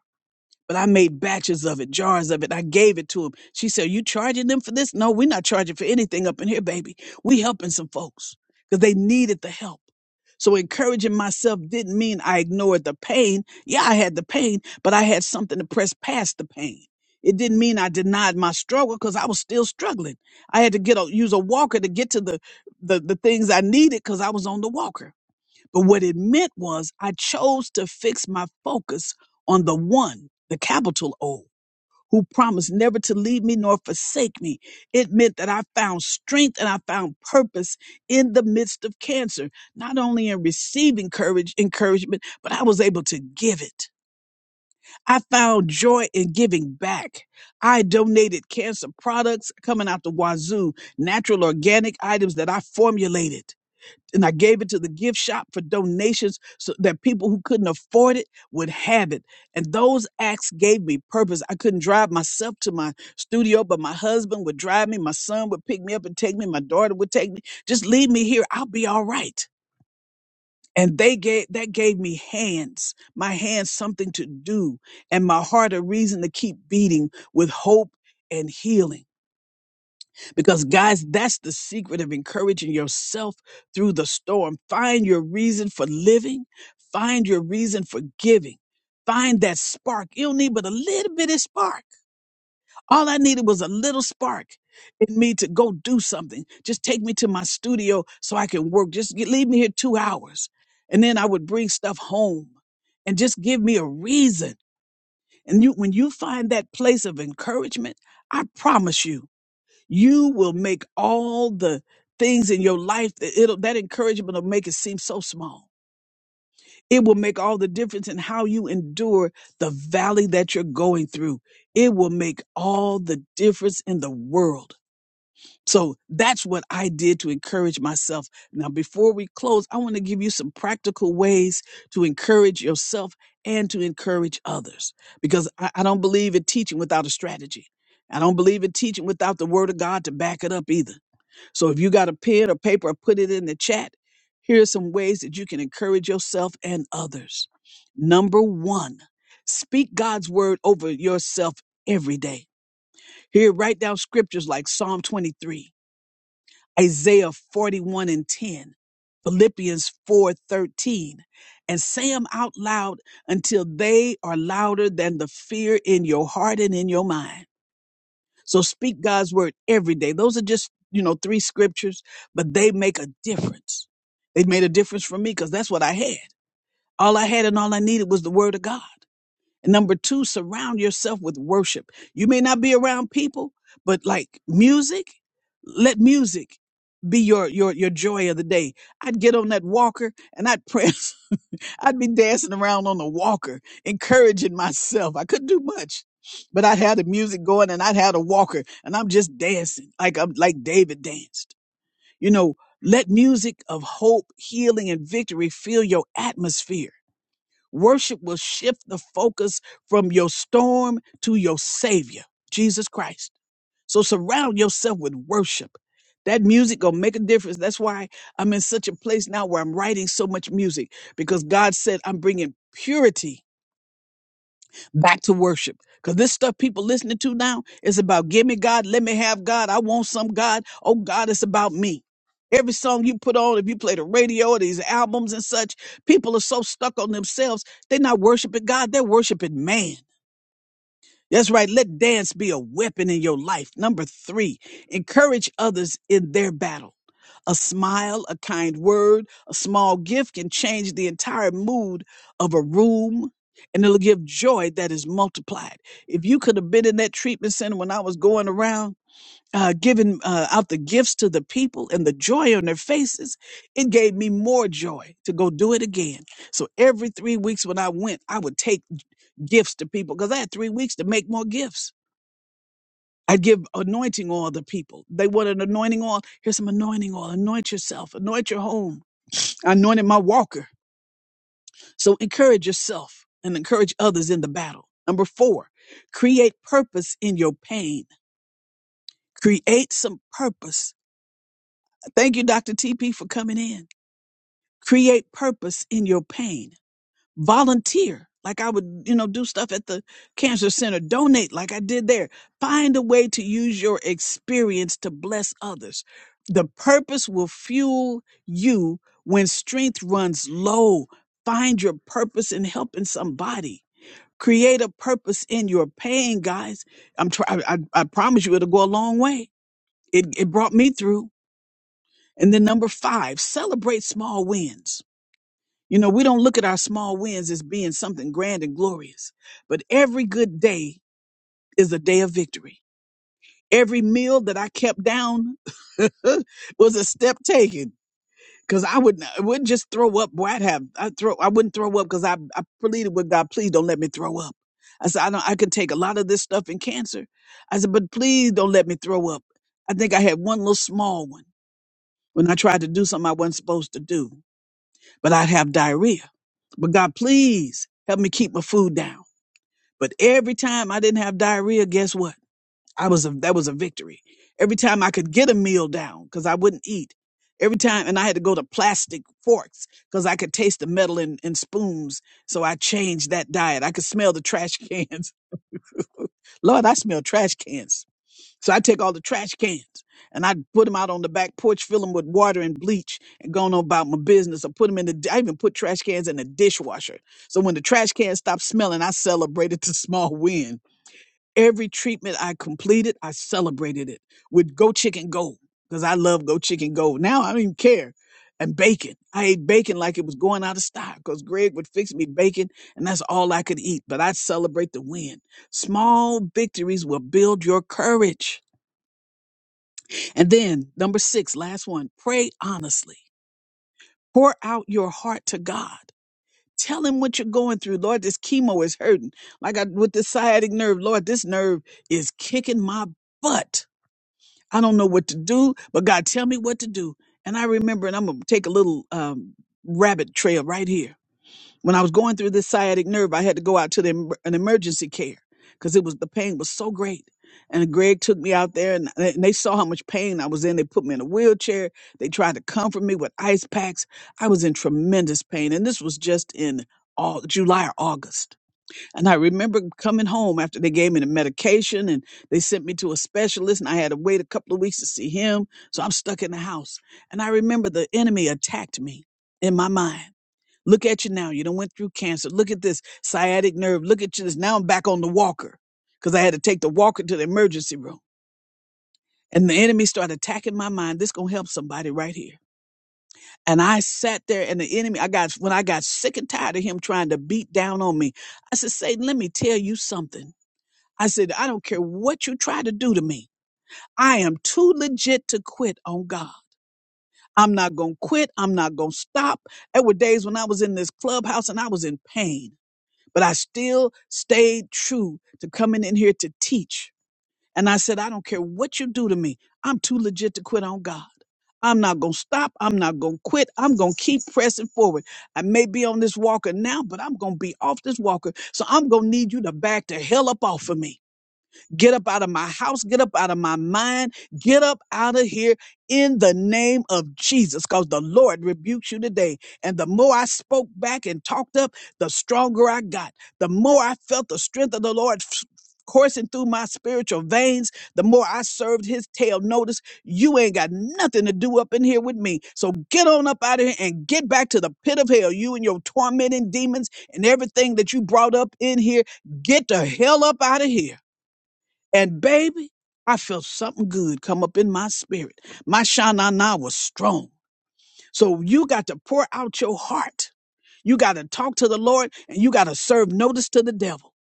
A: but I made batches of it, jars of it. I gave it to him. She said, You charging them for this? No, we're not charging for anything up in here, baby. We helping some folks because they needed the help. So encouraging myself didn't mean I ignored the pain. Yeah, I had the pain, but I had something to press past the pain. It didn't mean I denied my struggle because I was still struggling. I had to get a, use a walker to get to the the, the things I needed because I was on the walker but what it meant was I chose to fix my focus on the one, the capital O, who promised never to leave me nor forsake me. It meant that I found strength and I found purpose in the midst of cancer, not only in receiving courage, encouragement, but I was able to give it. I found joy in giving back. I donated cancer products coming out the wazoo, natural organic items that I formulated and I gave it to the gift shop for donations so that people who couldn't afford it would have it. And those acts gave me purpose. I couldn't drive myself to my studio, but my husband would drive me, my son would pick me up and take me, my daughter would take me. Just leave me here, I'll be all right. And they gave that gave me hands, my hands something to do, and my heart a reason to keep beating with hope and healing. Because, guys, that's the secret of encouraging yourself through the storm. Find your reason for living, find your reason for giving, find that spark. You don't need but a little bitty spark. All I needed was a little spark in me to go do something. Just take me to my studio so I can work. Just get- leave me here two hours. And then I would bring stuff home and just give me a reason. And you, when you find that place of encouragement, I promise you you will make all the things in your life that it'll that encouragement will make it seem so small it will make all the difference in how you endure the valley that you're going through it will make all the difference in the world so that's what i did to encourage myself now before we close i want to give you some practical ways to encourage yourself and to encourage others because i, I don't believe in teaching without a strategy i don't believe in teaching without the word of god to back it up either so if you got a pen or paper, put it in the chat. Here are some ways that you can encourage yourself and others. Number one, speak God's word over yourself every day. Here, write down scriptures like Psalm 23, Isaiah 41 and 10, Philippians 4 13, and say them out loud until they are louder than the fear in your heart and in your mind. So speak God's word every day. Those are just, you know, three scriptures, but they make a difference. They made a difference for me because that's what I had. All I had and all I needed was the word of God. And number two, surround yourself with worship. You may not be around people, but like music, let music be your your your joy of the day. I'd get on that walker and I'd pray. I'd be dancing around on the walker, encouraging myself. I couldn't do much, but I'd have the music going and I'd have the walker and I'm just dancing like I'm like David danced. You know, let music of hope, healing, and victory fill your atmosphere. Worship will shift the focus from your storm to your savior, Jesus Christ. So surround yourself with worship. That music gonna make a difference. That's why I'm in such a place now where I'm writing so much music because God said I'm bringing purity back to worship. Because this stuff people listening to now is about give me God, let me have God. I want some God. Oh God, it's about me. Every song you put on, if you play the radio or these albums and such, people are so stuck on themselves, they're not worshiping God, they're worshiping man. That's right. Let dance be a weapon in your life. Number three, encourage others in their battle. A smile, a kind word, a small gift can change the entire mood of a room and it'll give joy that is multiplied. If you could have been in that treatment center when I was going around, uh, giving uh, out the gifts to the people and the joy on their faces, it gave me more joy to go do it again. So every three weeks when I went, I would take gifts to people because I had three weeks to make more gifts. I'd give anointing oil to people. They wanted anointing oil. Here's some anointing oil. Anoint yourself, anoint your home. I anointed my walker. So encourage yourself and encourage others in the battle. Number four, create purpose in your pain. Create some purpose Thank you, Dr. TP, for coming in. Create purpose in your pain. Volunteer, like I would, you know, do stuff at the cancer center. Donate, like I did there. Find a way to use your experience to bless others. The purpose will fuel you when strength runs low. Find your purpose in helping somebody. Create a purpose in your pain, guys. I'm try- I, I, I promise you, it'll go a long way. It, it brought me through. And then number five, celebrate small wins. You know, we don't look at our small wins as being something grand and glorious, but every good day is a day of victory. Every meal that I kept down was a step taken. Cause I would I wouldn't just throw up. Boy, I'd have I throw I wouldn't throw up because I, I pleaded with God, please don't let me throw up. I said, I don't I could take a lot of this stuff in cancer. I said, but please don't let me throw up. I think I had one little small one when I tried to do something I wasn't supposed to do. but I'd have diarrhea. But God, please help me keep my food down. But every time I didn't have diarrhea, guess what? I was a, that was a victory. Every time I could get a meal down because I wouldn't eat. Every time, and I had to go to plastic forks because I could taste the metal in, in spoons. So I changed that diet. I could smell the trash cans. Lord, I smell trash cans so I take all the trash cans and I put them out on the back porch, fill them with water and bleach, and go on about my business. I put them in the. I even put trash cans in the dishwasher. So when the trash can stopped smelling, I celebrated the small win. Every treatment I completed, I celebrated it with Go Chicken Go because I love Go Chicken Go. Now I don't even care. And bacon. I ate bacon like it was going out of style because Greg would fix me bacon and that's all I could eat. But I celebrate the win. Small victories will build your courage. And then number six, last one, pray honestly. Pour out your heart to God. Tell him what you're going through. Lord, this chemo is hurting. Like I with the sciatic nerve, Lord, this nerve is kicking my butt. I don't know what to do, but God, tell me what to do. And I remember, and I'm gonna take a little um, rabbit trail right here when I was going through this sciatic nerve, I had to go out to the, em- an emergency care because it was the pain was so great. And Greg took me out there, and they, and they saw how much pain I was in. They put me in a wheelchair. They tried to comfort me with ice packs. I was in tremendous pain, and this was just in all July or August. And I remember coming home after they gave me the medication, and they sent me to a specialist, and I had to wait a couple of weeks to see him. So I'm stuck in the house. And I remember the enemy attacked me in my mind. Look at you now. You done went through cancer. Look at this sciatic nerve. Look at you. This now I'm back on the walker because I had to take the walker to the emergency room. And the enemy started attacking my mind. This gonna help somebody right here. And I sat there and the enemy, I got when I got sick and tired of him trying to beat down on me, I said, Satan, let me tell you something. I said, I don't care what you try to do to me. I am too legit to quit on God. I'm not gonna quit. I'm not gonna stop. There were days when I was in this clubhouse and I was in pain. but I still stayed true to coming in here to teach. And I said, I don't care what you do to me. I'm too legit to quit on God. I'm not going to stop. I'm not going to quit. I'm going to keep pressing forward. I may be on this walker now, but I'm going to be off this walker. So I'm going to need you to back the hell up off of me Get up out of my house. Get up out of my mind. Get up out of here in the name of Jesus because the Lord rebukes you today. And the more I spoke back and talked up, the stronger I got. The more I felt the strength of the Lord. f- Coursing through my spiritual veins, the more I served his tail. Notice you ain't got nothing to do up in here with me. So get on up out of here and get back to the pit of hell. You and your tormenting demons and everything that you brought up in here, get the hell up out of here and baby, I felt something good come up in my spirit. My shanana was strong. So you got to pour out your heart. You got to talk to the Lord and you got to serve notice to the devil.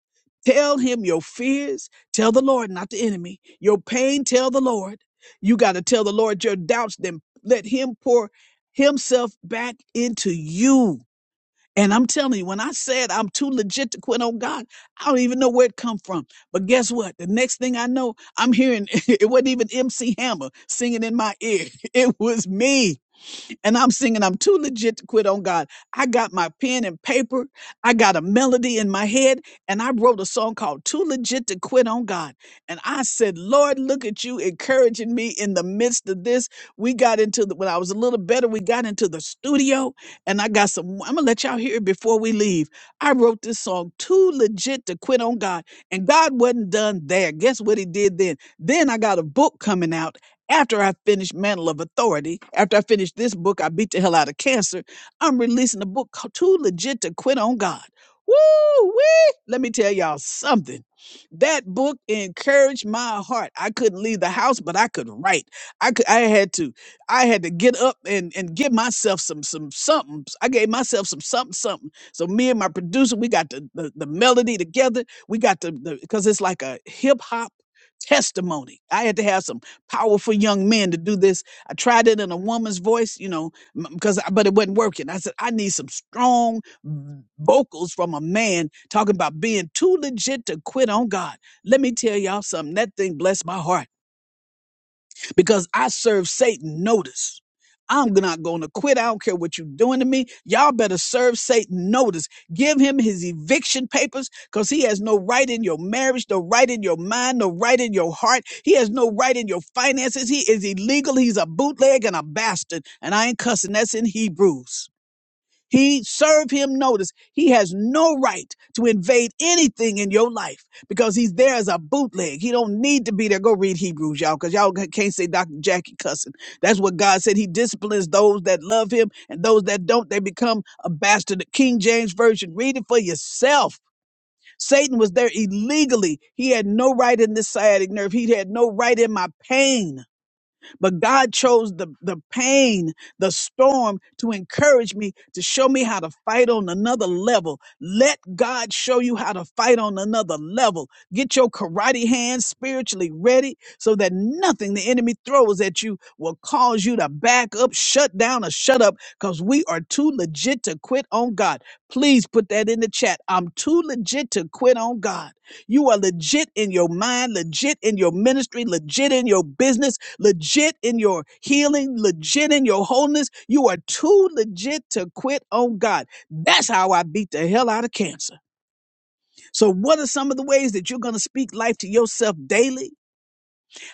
A: Tell him your fears. Tell the Lord, not the enemy. Your pain, tell the Lord. You got to tell the Lord your doubts, then let him pour himself back into you and I'm telling you, when I said I'm too legit to quit on God, I don't even know where it come from. But guess what? The next thing I know, I'm hearing it wasn't even MC Hammer singing in my ear. It was me and I'm singing, I'm too legit to quit on God. I got my pen and paper, I got a melody in my head, and I wrote a song called Too Legit to Quit on God. And I said, Lord, look at you encouraging me in the midst of this. We got into the, when I was a little better, we got into the studio, and I got some, I'm gonna let y'all hear it before we leave. I wrote this song, Too Legit to Quit on God, and God wasn't done there. Guess what He did then? Then I got a book coming out after I finish Mantle of Authority, after I finish this book, I beat the hell out of cancer. I'm releasing a book called Too Legit to Quit on God. Woo wee! Let me tell y'all something. That book encouraged my heart. I couldn't leave the house, but I could write. I could, I had to I had to get up and and give myself some some something. I gave myself some something something. So me and my producer, we got the the, the melody together. We got the because it's like a hip hop testimony. I had to have some powerful young men to do this. I tried it in a woman's voice, you know, because but it wasn't working. I said I need some strong vocals from a man talking about being too legit to quit on God. Let me tell y'all something. That thing blessed my heart because I serve Satan notice. I'm not going to quit. I don't care what you're doing to me. Y'all better serve Satan notice. Give him his eviction papers because he has no right in your marriage, no right in your mind, no right in your heart. He has no right in your finances. He is illegal. He's a bootleg and a bastard. And I ain't cussing. That's in Hebrews. He served him notice. He has no right to invade anything in your life because he's there as a bootleg. He don't need to be there. Go read Hebrews, y'all, because y'all can't say Dr. Jackie cussing. That's what God said. He disciplines those that love him and those that don't, they become a bastard. The King James Version, read it for yourself. Satan was there illegally. He had no right in this sciatic nerve. He had no right in my pain. But God chose the, the pain, the storm to encourage me to show me how to fight on another level. Let God show you how to fight on another level. Get your karate hands spiritually ready so that nothing the enemy throws at you will cause you to back up, shut down, or shut up because we are too legit to quit on God. Please put that in the chat. I'm too legit to quit on God. You are legit in your mind, legit in your ministry, legit in your business, legit in your healing, legit in your wholeness. You are too legit to quit on God. That's how I beat the hell out of cancer. So, what are some of the ways that you're going to speak life to yourself daily?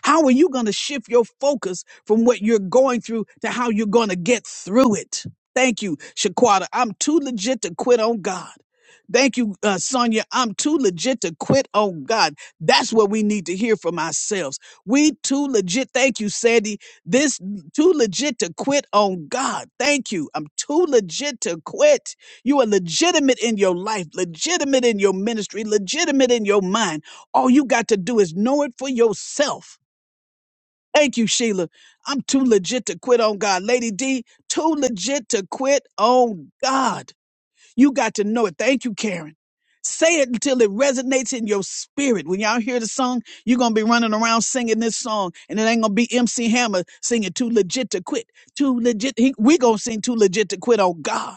A: How are you going to shift your focus from what you're going through to how you're going to get through it? Thank you, Shaquata. I'm too legit to quit on God. Thank you, uh, Sonia. I'm too legit to quit on God. That's what we need to hear from ourselves. We too legit. Thank you, Sandy. This too legit to quit on God. Thank you. I'm too legit to quit. You are legitimate in your life, legitimate in your ministry, legitimate in your mind. All you got to do is know it for yourself. Thank you, Sheila. I'm too legit to quit on God. Lady D, too legit to quit on God. You got to know it. Thank you, Karen. Say it until it resonates in your spirit. When y'all hear the song, you're going to be running around singing this song, and it ain't going to be MC Hammer singing Too Legit to Quit. Too legit. He, we going to sing Too Legit to Quit on God.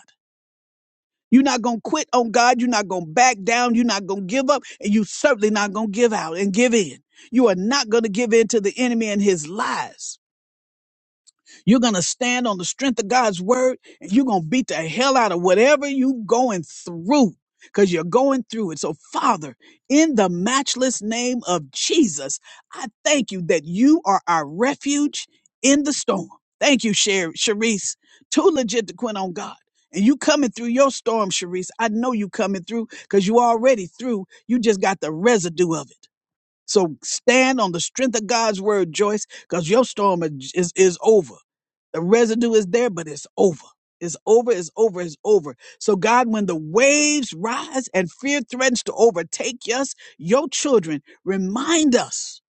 A: You're not going to quit on God. You're not going to back down. You're not going to give up. And you certainly not going to give out and give in. You are not going to give in to the enemy and his lies. You're going to stand on the strength of God's word and you're going to beat the hell out of whatever you going through because you're going through it. So Father, in the matchless name of Jesus, I thank you that you are our refuge in the storm. Thank you, Sher- Sharice. Too legit to quit on God. And you coming through your storm, Sharice. I know you coming through because you already through. You just got the residue of it. So stand on the strength of God's word, Joyce, because your storm is, is is over. The residue is there, but it's over. It's over, it's over, it's over. So, God, when the waves rise and fear threatens to overtake us, your children, remind us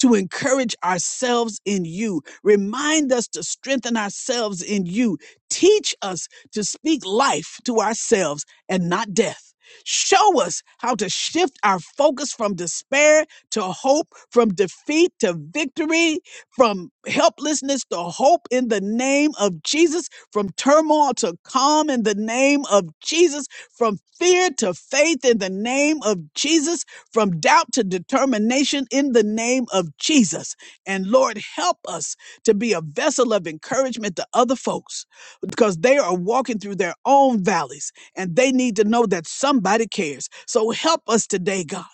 A: to encourage ourselves in you. Remind us to strengthen ourselves in you. Teach us to speak life to ourselves and not death. Show us how to shift our focus from despair to hope, from defeat to victory from helplessness to hope in the name of Jesus, from turmoil to calm in the name of Jesus, from fear to faith in the name of Jesus, from doubt to determination in the name of Jesus. And Lord, help us to be a vessel of encouragement to other folks because they are walking through their own valleys and they need to know that somebody cares. So help us today, God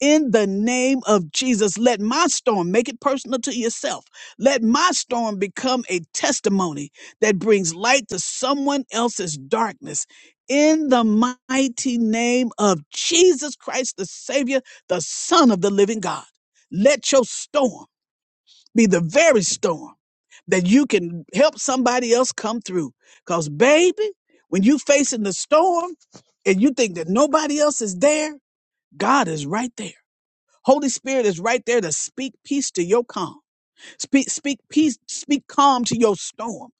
A: in the name of Jesus, let my storm make it personal to yourself. Let my storm become a testimony that brings light to someone else's darkness. In the mighty name of Jesus Christ, the Savior, the Son of the living God, let your storm be the very storm that you can help somebody else come through. Because, baby, when you facing the storm and you think that nobody else is there, God is right there. Holy Spirit is right there to speak peace to your calm. Speak, speak peace, speak calm to your storm.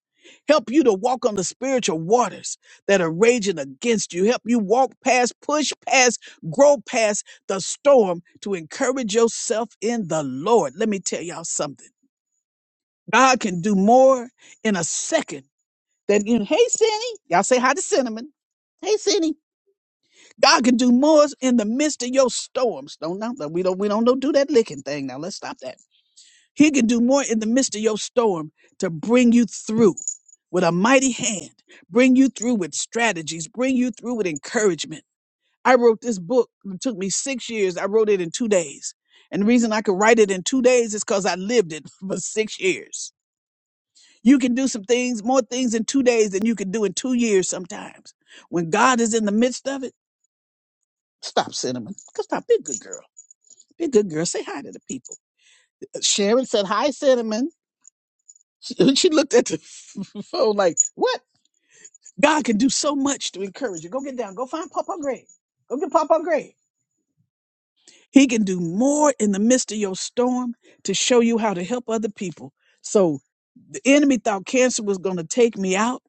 A: Help you to walk on the spiritual waters that are raging against you. Help you walk past, push past, grow past the storm to encourage yourself in the Lord. Let me tell y'all something. God can do more in a second than in, hey, Cindy. Y'all say hi to Cinnamon. Hey, Cindy. God can do more in the midst of your storms. Don't, no, no, we don't, we don't do that licking thing. Now let's stop that. He can do more in the midst of your storm to bring you through with a mighty hand, bring you through with strategies, bring you through with encouragement. I wrote this book. It took me six years. I wrote it in two days. And the reason I could write it in two days is because I lived it for six years. You can do some things, more things in two days than you can do in two years sometimes. When God is in the midst of it, stop, Cinnamon. Stop. Be a good girl. Be a good girl. Say hi to the people. Sharon said, Hi, Cinnamon. she looked at the phone like, "What? God can do so much to encourage you. Go get down. Go find Papa Greg. Go get Papa Greg. He can do more in the midst of your storm to show you how to help other people." So the enemy thought cancer was going to take me out,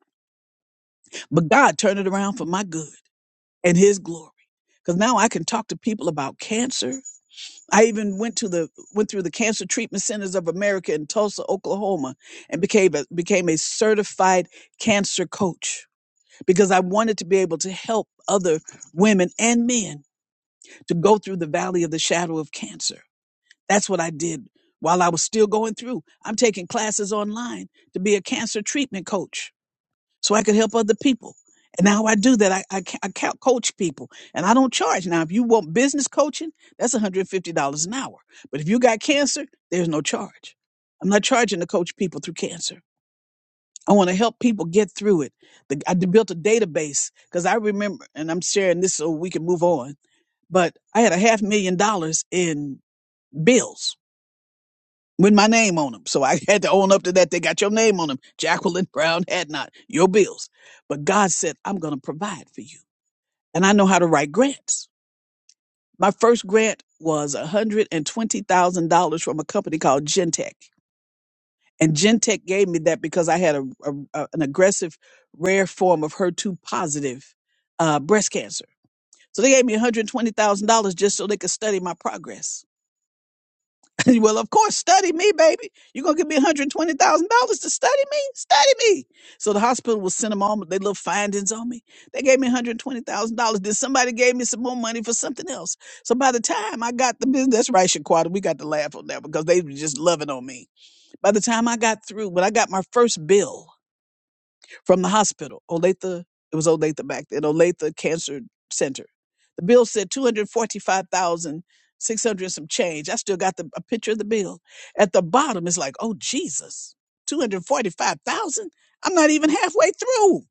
A: but God turned it around for my good and His glory. Because now I can talk to people about cancer. I even went to the went through the Cancer Treatment Centers of America in Tulsa, Oklahoma, and became a, became a certified cancer coach because I wanted to be able to help other women and men to go through the valley of the shadow of cancer. That's what I did while I was still going through. I'm taking classes online to be a cancer treatment coach so I could help other people. And how I do that, I, I, ca- I ca- coach people and I don't charge. Now, if you want business coaching, that's $150 an hour. But if you got cancer, there's no charge. I'm not charging to coach people through cancer. I want to help people get through it. The, I d- built a database because I remember, and I'm sharing this so we can move on. But I had a half million dollars in bills with my name on them, so I had to own up to that. They got your name on them, Jacqueline Brown had not your bills. But God said, "I'm going to provide for you," and I know how to write grants. My first grant was $120,000 from a company called Gentech. And Gentech gave me that because I had a, a- a- an aggressive, rare form of HER2 positive uh, breast cancer. So they gave me $120,000 just so they could study my progress. well, of course, study me, baby. You're going to give me $120,000 to study me? Study me. So the hospital will send them all their little findings on me. They gave me $120,000. Then somebody gave me some more money for something else. So by the time I got the business, that's right, Shaquata, we got to laugh on that because they were just loving on me. By the time I got through, when I got my first bill from the hospital, Olathe, it was Olathe back then, Olathe Cancer Center. The bill said 245,600 some change. I still got the, a picture of the bill. At the bottom, it's like, oh, Jesus, 245,000? I'm not even halfway through.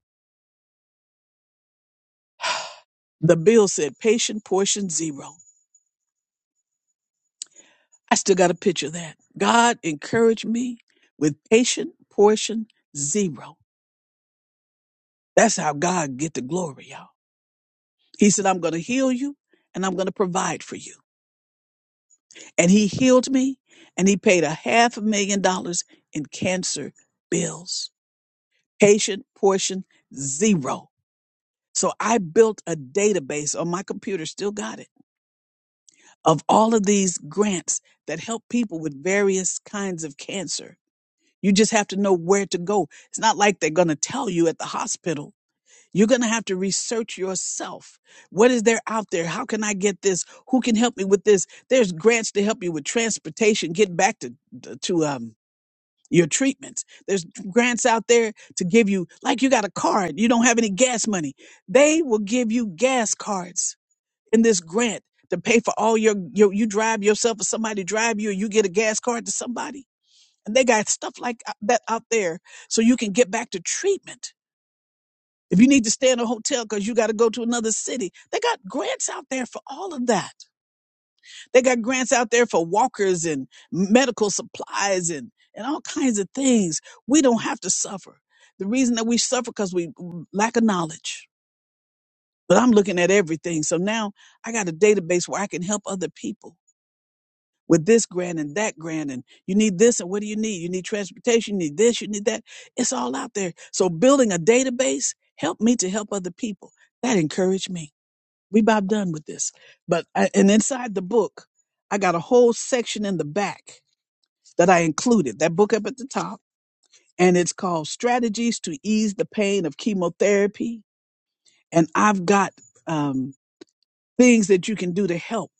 A: The bill said patient portion zero. I still got a picture of that. God encouraged me with patient portion zero. That's how God get the glory, y'all. He said, I'm going to heal you and I'm going to provide for you. And he healed me and he paid a half a million dollars in cancer bills. Patient portion zero. So I built a database on my computer, still got it, of all of these grants that help people with various kinds of cancer. You just have to know where to go. It's not like they're going to tell you at the hospital You're going to have to research yourself. What is there out there? How can I get this? Who can help me with this? There's grants to help you with transportation, get back to to um your treatments. There's grants out there to give you like you got a card, you don't have any gas money. They will give you gas cards in this grant to pay for all your, your you drive yourself or somebody drive you or you get a gas card to somebody. And they got stuff like uh, that out there so you can get back to treatment if you need to stay in a hotel because you got to go to another city, they got grants out there for all of that. They got grants out there for walkers and medical supplies and, and all kinds of things. We don't have to suffer. The reason that we suffer because we lack of knowledge. But I'm looking at everything. So now I got a database where I can help other people with this grant and that grant. And you need this and what do you need? You need transportation, you need this, you need that. It's all out there. So building a database helped me to help other people. That encouraged me. we about done with this. But I, and inside the book, I got a whole section in the back that I included that book up at the top, and it's called "Strategies to Ease the Pain of Chemotherapy." And I've got um, things that you can do to help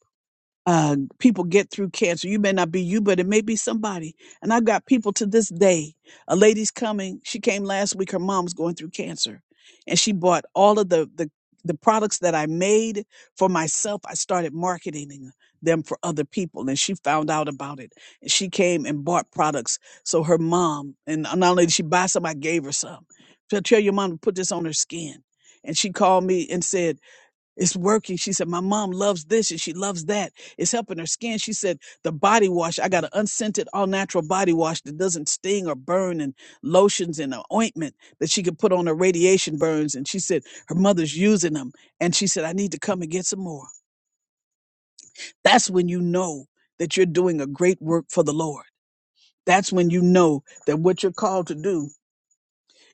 A: uh, people get through cancer. You may not be you, but it may be somebody. And I've got people to this day. A lady's coming. She came last week. Her mom's going through cancer, and she bought all of the the the products that I made for myself. I started marketing them for other people, and she found out about it. And she came and bought products. So her mom, and not only did she buy some, I gave her some. So tell your mom to put this on her skin. And she called me and said. It's working. She said, My mom loves this and she loves that. It's helping her skin. She said, The body wash, I got an unscented, all natural body wash that doesn't sting or burn, and lotions and an ointment that she could put on her radiation burns. And she said, Her mother's using them. And she said, I need to come and get some more. That's when you know that you're doing a great work for the Lord. That's when you know that what you're called to do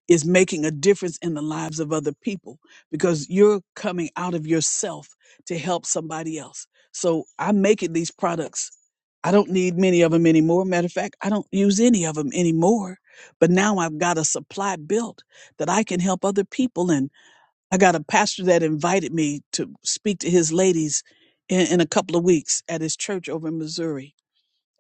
A: is making a difference in the lives of other people because you're coming out of yourself to help somebody else. So I'm making these products. I don't need many of them anymore. Matter of fact, I don't use any of them anymore. But now I've got a supply built that I can help other people. And I got a pastor that invited me to speak to his ladies in, in a couple of weeks at his church over in Missouri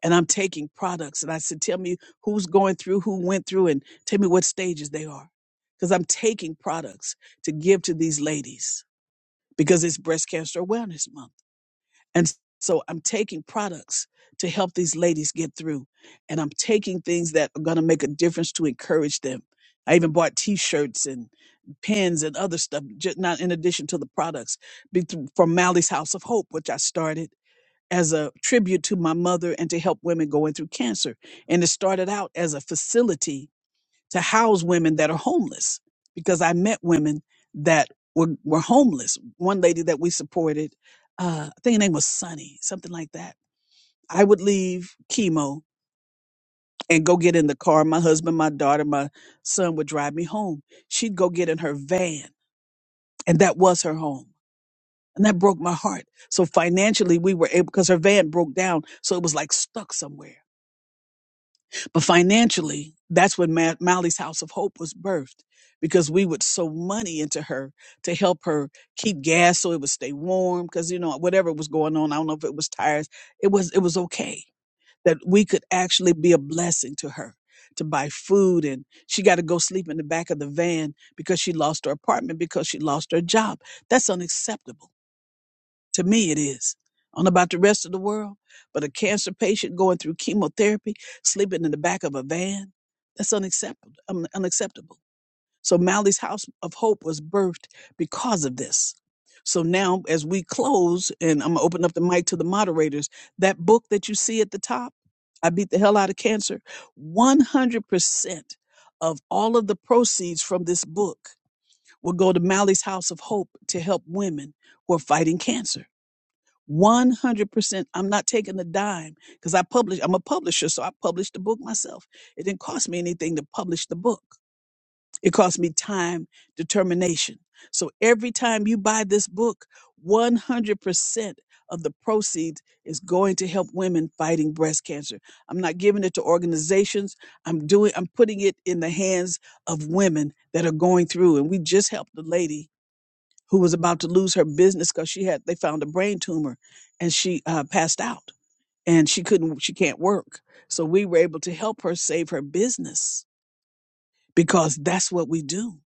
A: and I'm taking products. And I said, tell me who's going through, who went through, and tell me what stages they are. Because I'm taking products to give to these ladies because it's Breast Cancer Awareness Month. And so I'm taking products to help these ladies get through. And I'm taking things that are going to make a difference to encourage them. I even bought t shirts and pens and other stuff, just not in addition to the products be- from Mally's House of Hope, which I started as a tribute to my mother and to help women going through cancer. And it started out as a facility to house women that are homeless because I met women that were, were homeless. One lady that we supported, uh, I think her name was Sunny, something like that. I would leave chemo and go get in the car. My husband, my daughter, my son would drive me home. She'd go get in her van, and that was her home. And that broke my heart. So financially, we were able, because her van broke down. So it was like stuck somewhere But financially, that's when Ma- Mally's House of Hope was birthed because we would sew money into her to help her keep gas so it would stay warm. Because you know whatever was going on, I don't know if it was tires, it was it was okay that we could actually be a blessing to her to buy food and she got to go sleep in the back of the van because she lost her apartment because she lost her job. That's unacceptable to me, it is. I don't know about the rest of the world, but a cancer patient going through chemotherapy, sleeping in the back of a van, that's unacceptable. un- unacceptable. So Mally's House of Hope was birthed because of this. So now, as we close, and I'm gonna open up the mic to the moderators, that book that you see at the top, I Beat the Hell Out of Cancer, 100% of all of the proceeds from this book will go to Mally's House of Hope to help women who are fighting cancer. 100%. I'm not taking a dime because I publish, I'm a publisher, so I published the book myself. It didn't cost me anything to publish the book. It cost me time, determination. So every time you buy this book, 100% of the proceeds is going to help women fighting breast cancer. I'm not giving it to organizations. I'm doing, I'm putting it in the hands of women that are going through. And we just helped the lady who was about to lose her business because she had they found a brain tumor and she uh, passed out and she couldn't she can't work so we were able to help her save her business because that's what we do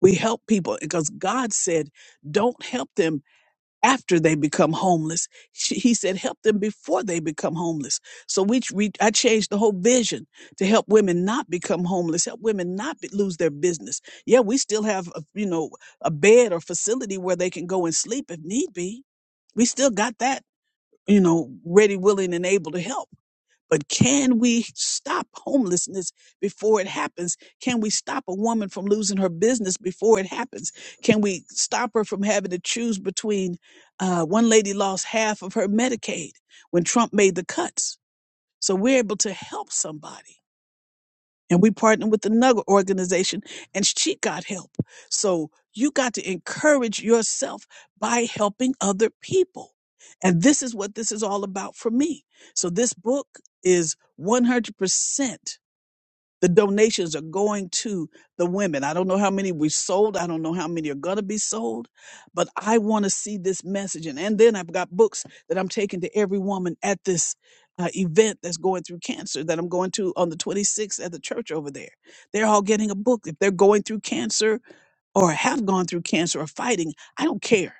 A: we help people because god said don't help them after they become homeless. She, he said, help them before they become homeless. So we, we, I changed the whole vision to help women not become homeless, help women not be, lose their business. Yeah, we still have, a, you know, a bed or facility where they can go and sleep if need be. We still got that, you know, ready, willing, and able to help but can we stop homelessness before it happens? Can we stop a woman from losing her business before it happens? Can we stop her from having to choose between? Uh, one lady lost half of her Medicaid when Trump made the cuts. So we're able to help somebody and we partnered with another organization and she got help. So you got to encourage yourself by helping other people. And this is what this is all about for me. So this book is 100% the donations are going to the women. I don't know how many we sold. I don't know how many are going to be sold, but I want to see this messaging. And then I've got books that I'm taking to every woman at this uh, event that's going through cancer that I'm going to on the 26th at the church over there. They're all getting a book. If they're going through cancer or have gone through cancer or fighting, I don't care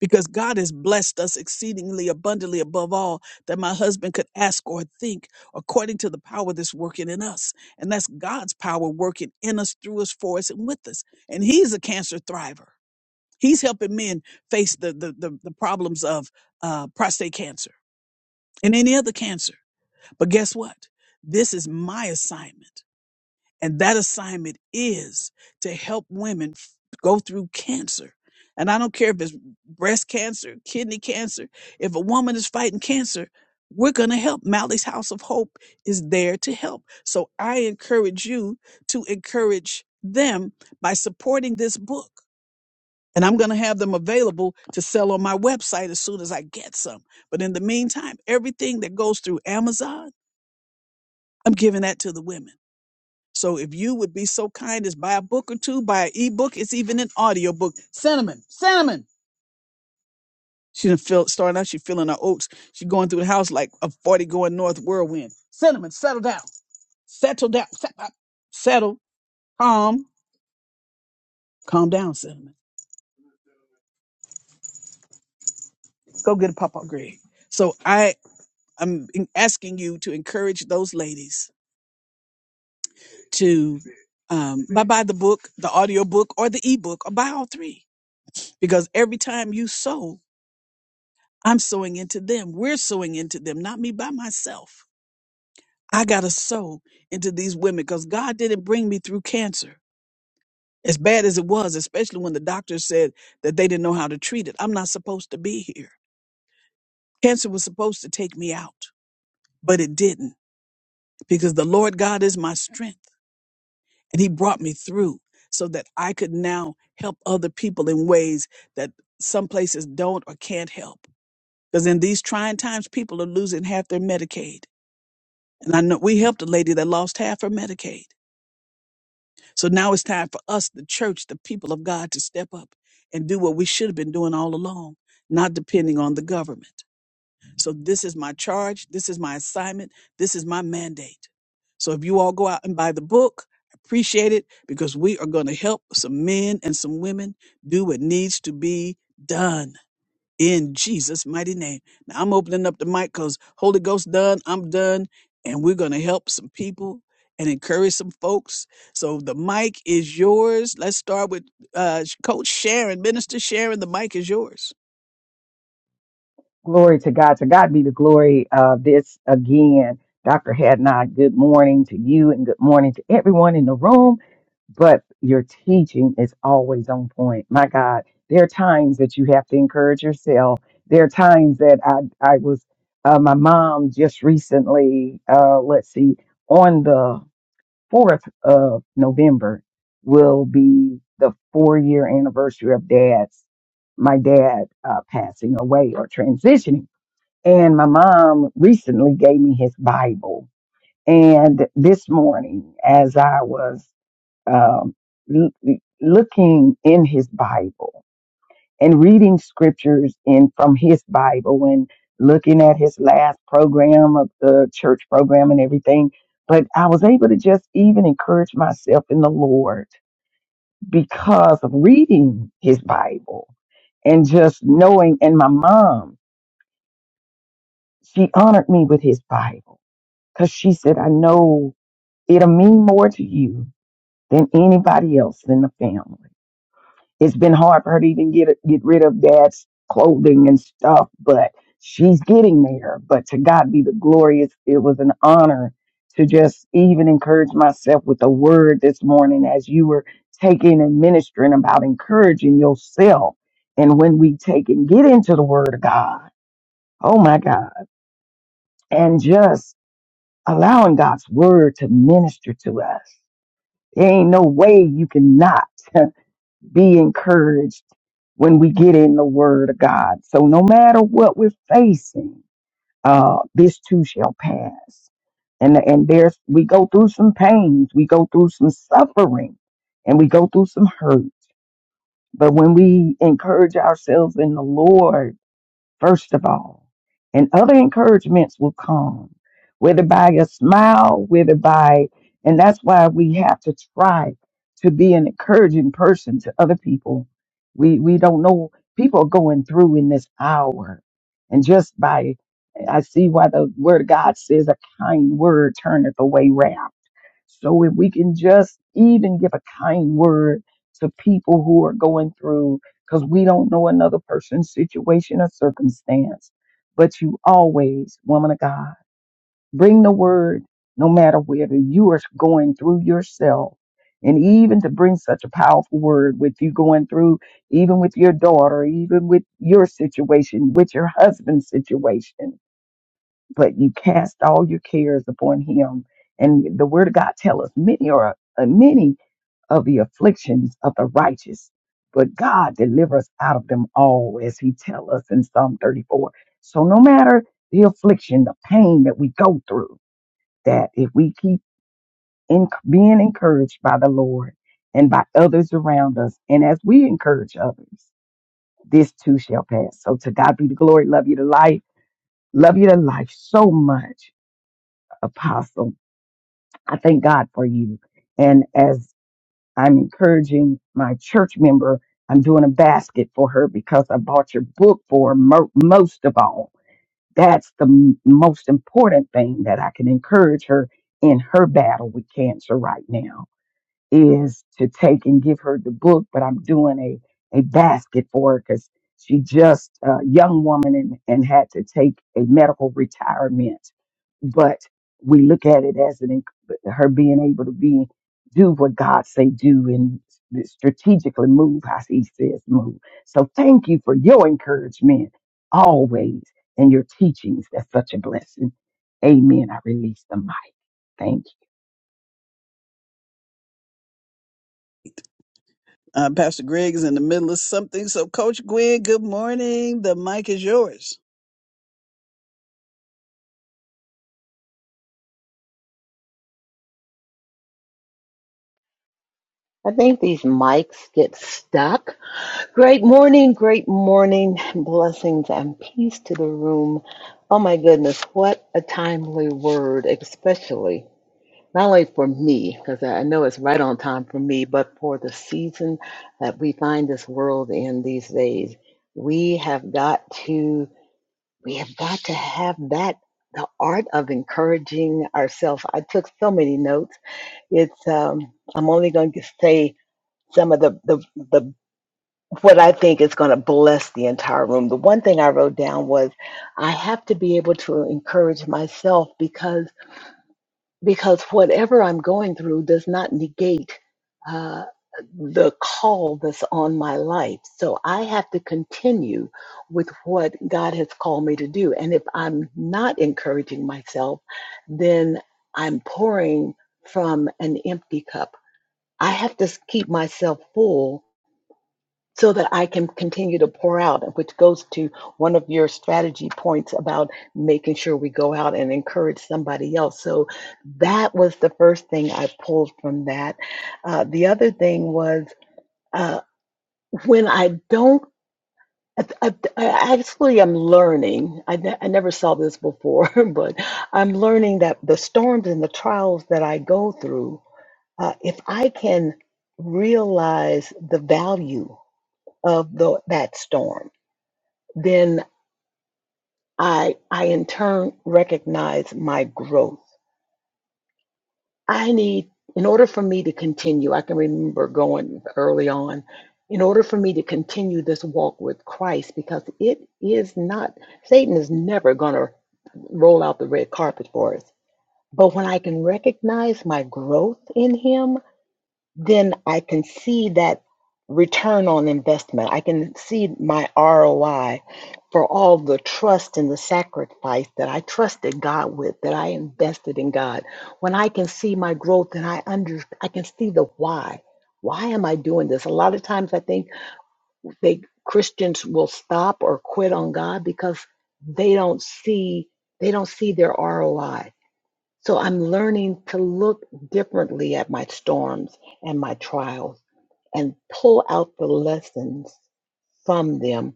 A: because God has blessed us exceedingly abundantly above all that my husband could ask or think, according to the power that's working in us. And that's God's power working in us, through us, for us, and with us. And He's a cancer thriver. He's helping men face the the the, the problems of uh, prostate cancer and any other cancer. But guess what? This is my assignment. And that assignment is to help women f- go through cancer. And I don't care if it's breast cancer, kidney cancer, if a woman is fighting cancer, we're going to help. Mally's House of Hope is there to help. So I encourage you to encourage them by supporting this book. And I'm going to have them available to sell on my website as soon as I get some. But in the meantime, everything that goes through Amazon, I'm giving that to the women. So if you would be so kind as buy a book or two, buy an ebook, it's even an audio book. Cinnamon, cinnamon. She done feel starting out, she feeling her oats. She going through the house like a 40 going north whirlwind. Cinnamon, settle down. Settle down. Set- uh, Settle. Calm. Calm down, cinnamon. Go get a Papa Greg. So I am in- asking you to encourage those ladies to um, buy, buy the book, the audio book, or the ebook, or buy all three. Because every time you sow, I'm sowing into them. We're sowing into them, not me by myself. I got to sow into these women because God didn't bring me through cancer, as bad as it was, especially when the doctor said that they didn't know how to treat it. I'm not supposed to be here. Cancer was supposed to take me out, but it didn't because the Lord God is my strength and He brought me through so that I could now help other people in ways that some places don't or can't help. Because in these trying times, people are losing half their Medicaid. And I know we helped a lady that lost half her Medicaid. So now it's time for us, the church, the people of God, to step up and do what we should have been doing all along, not depending on the government. So this is my charge. This is my assignment. This is my mandate. So if you all go out and buy the book, I appreciate it because we are going to help some men and some women do what needs to be done in Jesus' mighty name. Now I'm opening up the mic because Holy Ghost done, I'm done, and we're gonna help some people and encourage some folks. So the mic is yours. Let's start with uh, Coach Sharon, Minister Sharon. The mic is yours.
B: Glory to God. To God be the glory of this again. Dr. Hadnot, good morning to you and good morning to everyone in the room. But your teaching is always on point. My God, there are times that you have to encourage yourself. There are times that I, I was, uh, my mom just recently, uh, let's see, on the 4th of November will be the four year anniversary of dad's, my dad uh, passing away or transitioning. And my mom recently gave me his Bible. And this morning, as I was um, l- l- looking in his Bible, and reading scriptures in from his Bible and looking at his last program of the church program and everything. But I was able to just even encourage myself in the Lord because of reading his Bible and just knowing. And my mom, she honored me with his Bible because she said, I know it'll mean more to you than anybody else in the family. It's been hard for her to even get get rid of dad's clothing and stuff, but she's getting there. But to God be the glory. It's, it was an honor to just even encourage myself with a word this morning as you were taking and ministering about encouraging yourself. And when we take and get into the word of God, oh my God, and just allowing God's word to minister to us. There ain't no way you cannot. be encouraged when we get in the Word of God. So no matter what we're facing, uh, this too shall pass. And and there's we go through some pains, we go through some suffering, and we go through some hurt. But when we encourage ourselves in the Lord first of all. And other encouragements will come, whether by a smile, whether by, and that's why we have to try to be an encouraging person to other people. We, we don't know, people are going through in this hour. And just by, I see why the word of God says a kind word turneth away wrath so if we can just even give a kind word to people who are going through, because we don't know another person's situation or circumstance, but you always, woman of God, bring the word no matter whether you are going through yourself. And even to bring such a powerful word with you going through, even with your daughter, even with your situation, with your husband's situation but you cast all your cares upon him. And the word of God tells us many are uh, many of the afflictions of the righteous, but God delivers out of them all, as he tells us in Psalm 34. So no matter the affliction, the pain that we go through, that if we keep in, being encouraged by the Lord and by others around us, and as we encourage others, this too shall pass. So to God be the glory. Love you to life. Love you to life so much, Apostle. I thank God for you. And as I'm encouraging my church member, I'm doing a basket for her because I bought your book for her mo- most of all. That's the m- most important thing that I can encourage her in her battle with cancer right now is to take and give her the book, but I'm doing a, a basket for her because she just a young woman and, and had to take a medical retirement. But we look at it as an enc- her being able to be do what God say do and strategically move how He says move. So thank you for your encouragement always and your teachings. That's such a blessing. Amen. I release the mic. Thank you.
A: Uh, Pastor Greg is in the middle of something. So Coach Gwen, good morning. The mic is yours.
E: I think these mics get stuck. Great morning, great morning. Blessings and peace to the room. Oh my goodness, what a timely word, especially not only for me, because I I know it's right on time for me, but for the season that we find this world in these days. We have got to, we have got to have that, the art of encouraging ourselves. I took so many notes. It's, um, I'm only going to say, some of the, the, the what I think is going to bless the entire room. The one thing I wrote down was I have to be able to encourage myself because because whatever I'm going through does not negate uh, the call that's on my life. So I have to continue with what God has called me to do. And if I'm not encouraging myself, then I'm pouring from an empty cup. I have to s- keep myself full so that I can continue to pour out, which goes to one of your strategy points about making sure we go out and encourage somebody else. So that was the first thing I pulled from that. Uh, the other thing was uh, when I don't. I, I, I actually am learning. I, ne- I never saw this before, but I'm learning that the storms and the trials that I go through, uh, if I can realize the value of the, that storm, then I I in turn recognize my growth. I need in order for me to continue, I can remember going early on, in order for me to continue this walk with Christ, because it is not Satan is never gonna roll out the red carpet for us. But when I can recognize my growth in him, then I can see that return on investment. I can see my ROI for all the trust and the sacrifice that I trusted God with, that I invested in God. When I can see my growth and I under I can see the why. Why am I doing this? A lot of times I think they Christians will stop or quit on God because they don't see they don't see their ROI. So I'm learning to look differently at my storms and my trials and pull out the lessons from them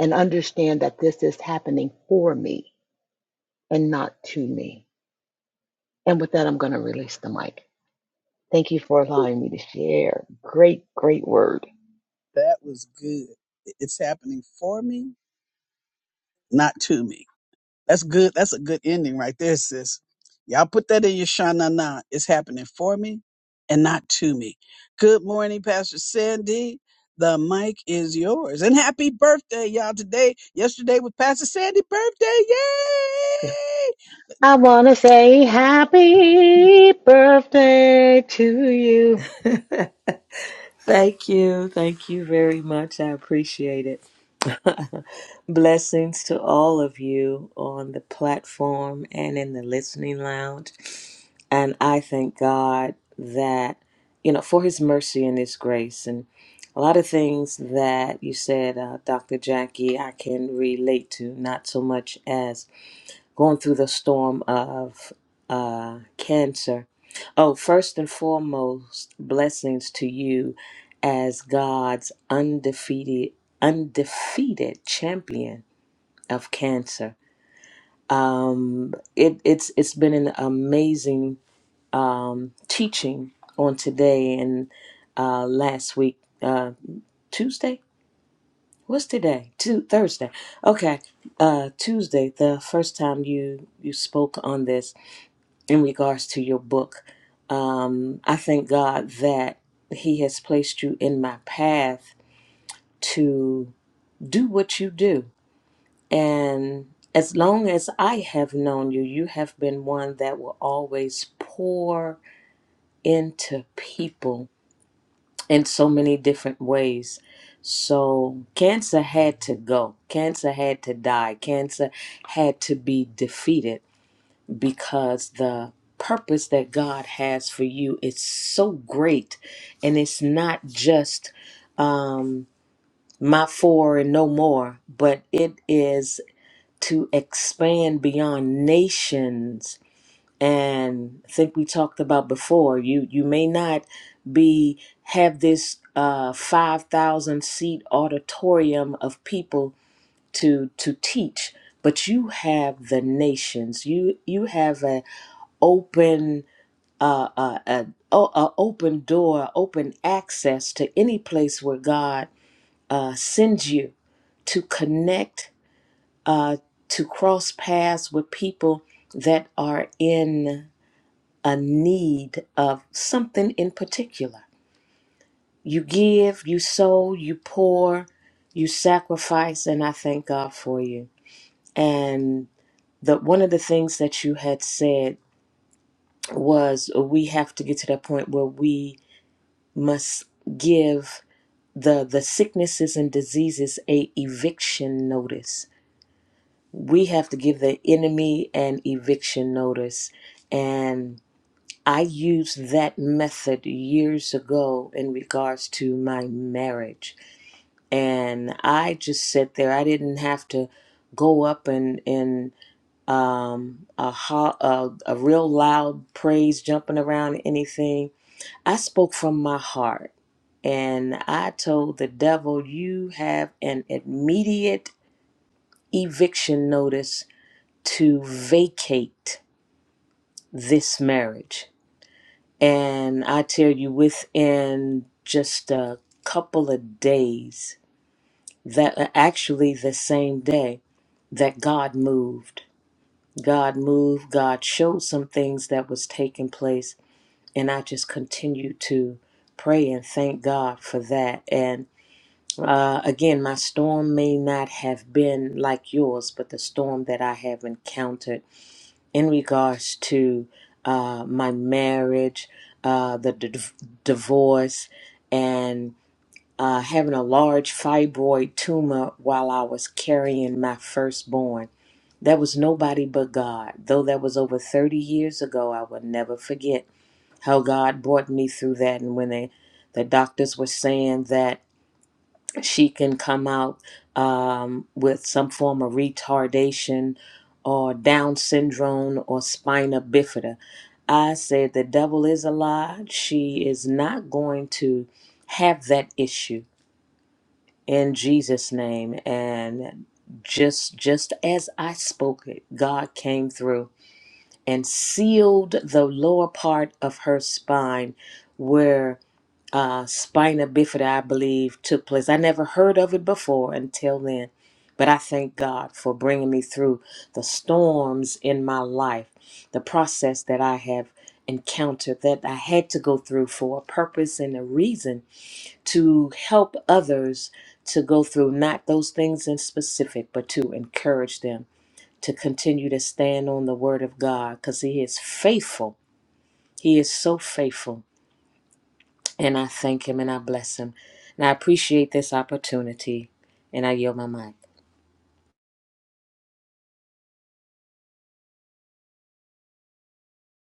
E: and understand that this is happening for me and not to me. And with that, I'm going to release the mic. Thank you for allowing me to share. Great, great word.
A: That was good. It's happening for me, not to me. That's good. That's a good ending right there, sis. Y'all put that in your shana na. It's happening for me and not to me. Good morning, Pastor Sandy. The mic is yours. And happy birthday, y'all. Today, yesterday was Pastor Sandy's birthday. Yay!
E: I want to say happy birthday to you.
F: Thank you. Thank you very much. I appreciate it. Blessings to all of you on the platform and in the listening lounge. And I thank God that, you know, for his mercy and his grace. And a lot of things that you said, uh, Dr. Jackie, I can relate to, not so much as going through the storm of uh, cancer. Oh, first and foremost, blessings to you as God's undefeated, undefeated champion of cancer. Um, it, it's it's been an amazing um, teaching on today and uh, last week, uh, Tuesday. What's today? Tu- Thursday. Okay, uh, Tuesday, the first time you you spoke on this, in regards to your book. Um, I thank God that He has placed you in my path to do what you do. And as long as I have known you, you have been one that will always pour into people in so many different ways. So, cancer had to go, cancer had to die, cancer had to be defeated because the purpose that God has for you is so great and it's not just um my four and no more but it is to expand beyond nations and I think we talked about before you you may not be have this uh 5000 seat auditorium of people to to teach but you have the nations you you have a open uh, uh, uh, o- uh, open door, open access to any place where God uh, sends you to connect, uh, to cross paths with people that are in a need of something in particular. You give, you sow, you pour, you sacrifice, and I thank God for you. And the one of the things that you had said was we have to get to that point where we must give the the sicknesses and diseases a eviction notice. We have to give the enemy an eviction notice and I used that method years ago in regards to my marriage. And I just sat there. I didn't have to go up and, and um, a, ho- a, a real loud praise jumping around anything I spoke from my heart and I told the devil, You have an immediate eviction notice to vacate this marriage. And I tell you, within just a couple of days, that uh, actually the same day, that God moved. God moved, God showed some things that was taking place, and I just continued to pray and thank God for that. and. Uh, again, my storm may not have been like yours, but the storm that I have encountered in regards to uh, my marriage, uh, the d- divorce, and uh, having a large fibroid tumor while I was carrying my firstborn. That was nobody but God. Though that was over 30 years ago, I will never forget how God brought me through that. And when they, the doctors were saying that she can come out um, with some form of retardation or Down syndrome or spina bifida. I said the devil is a lie. She is not going to have that issue in Jesus' name. And just just as I spoke it, God came through and sealed the lower part of her spine where uh, spina bifida, I believe, took place. I never heard of it before until then, but I thank God for bringing me through the storms in my life, the process that I have encountered, that I had to go through for a purpose and a reason to help others to go through not those things in specific, but to encourage them to continue to stand on the word of God because He is faithful. He is so faithful and I thank him and I bless him. And I appreciate this opportunity and I yield my mic.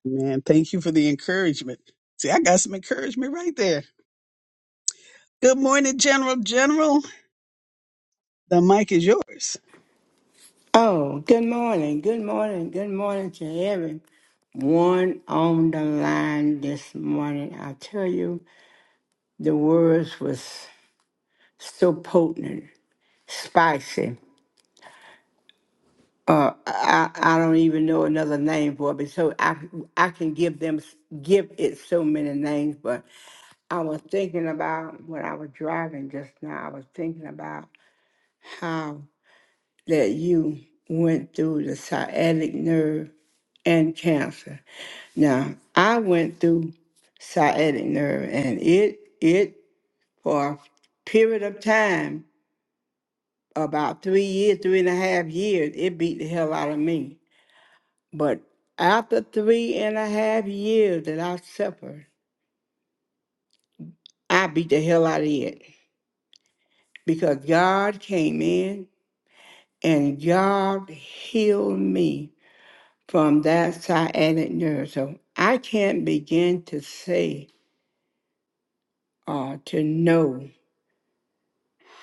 A: Man, thank you for the encouragement. See, I got some encouragement right there. Good morning, General. General, the mic is yours.
G: Oh, good morning, good morning, good morning to everyone on the line this morning. I tell you, the words was so potent, spicy. Uh, I I don't even know another name for it, but so I I can give them give it so many names. But I was thinking about when I was driving just now. I was thinking about how that you went through the sciatic nerve and cancer. Now, I went through sciatic nerve and it it for a period of time, about three years, three and a half years, it beat the hell out of me. But after three and a half years that I suffered, I beat the hell out of it. Because God came in and God healed me from that sciatic nerve. So I can't begin to say or to know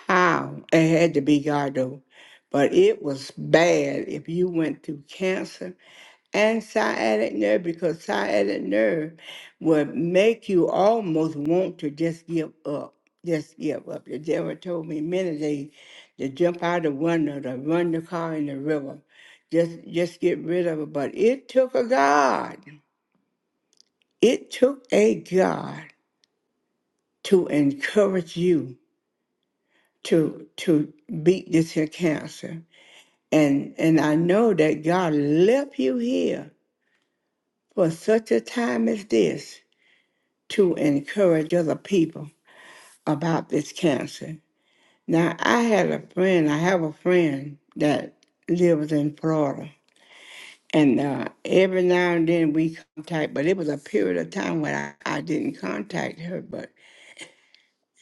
G: How? It had to be Gardo. But it was bad if you went through cancer and sciatic nerve because sciatic nerve would make you almost want to just give up. Just give up. The devil told me many days to jump out the window, to run the car in the river. Just just get rid of it. But it took a God. It took a God to encourage you to to beat this here cancer And and I know that God left you here for such a time as this to encourage other people about this cancer. Now I had a friend, I have a friend that lives in Florida. And uh, every now and then we contact, but it was a period of time when I, I didn't contact her, but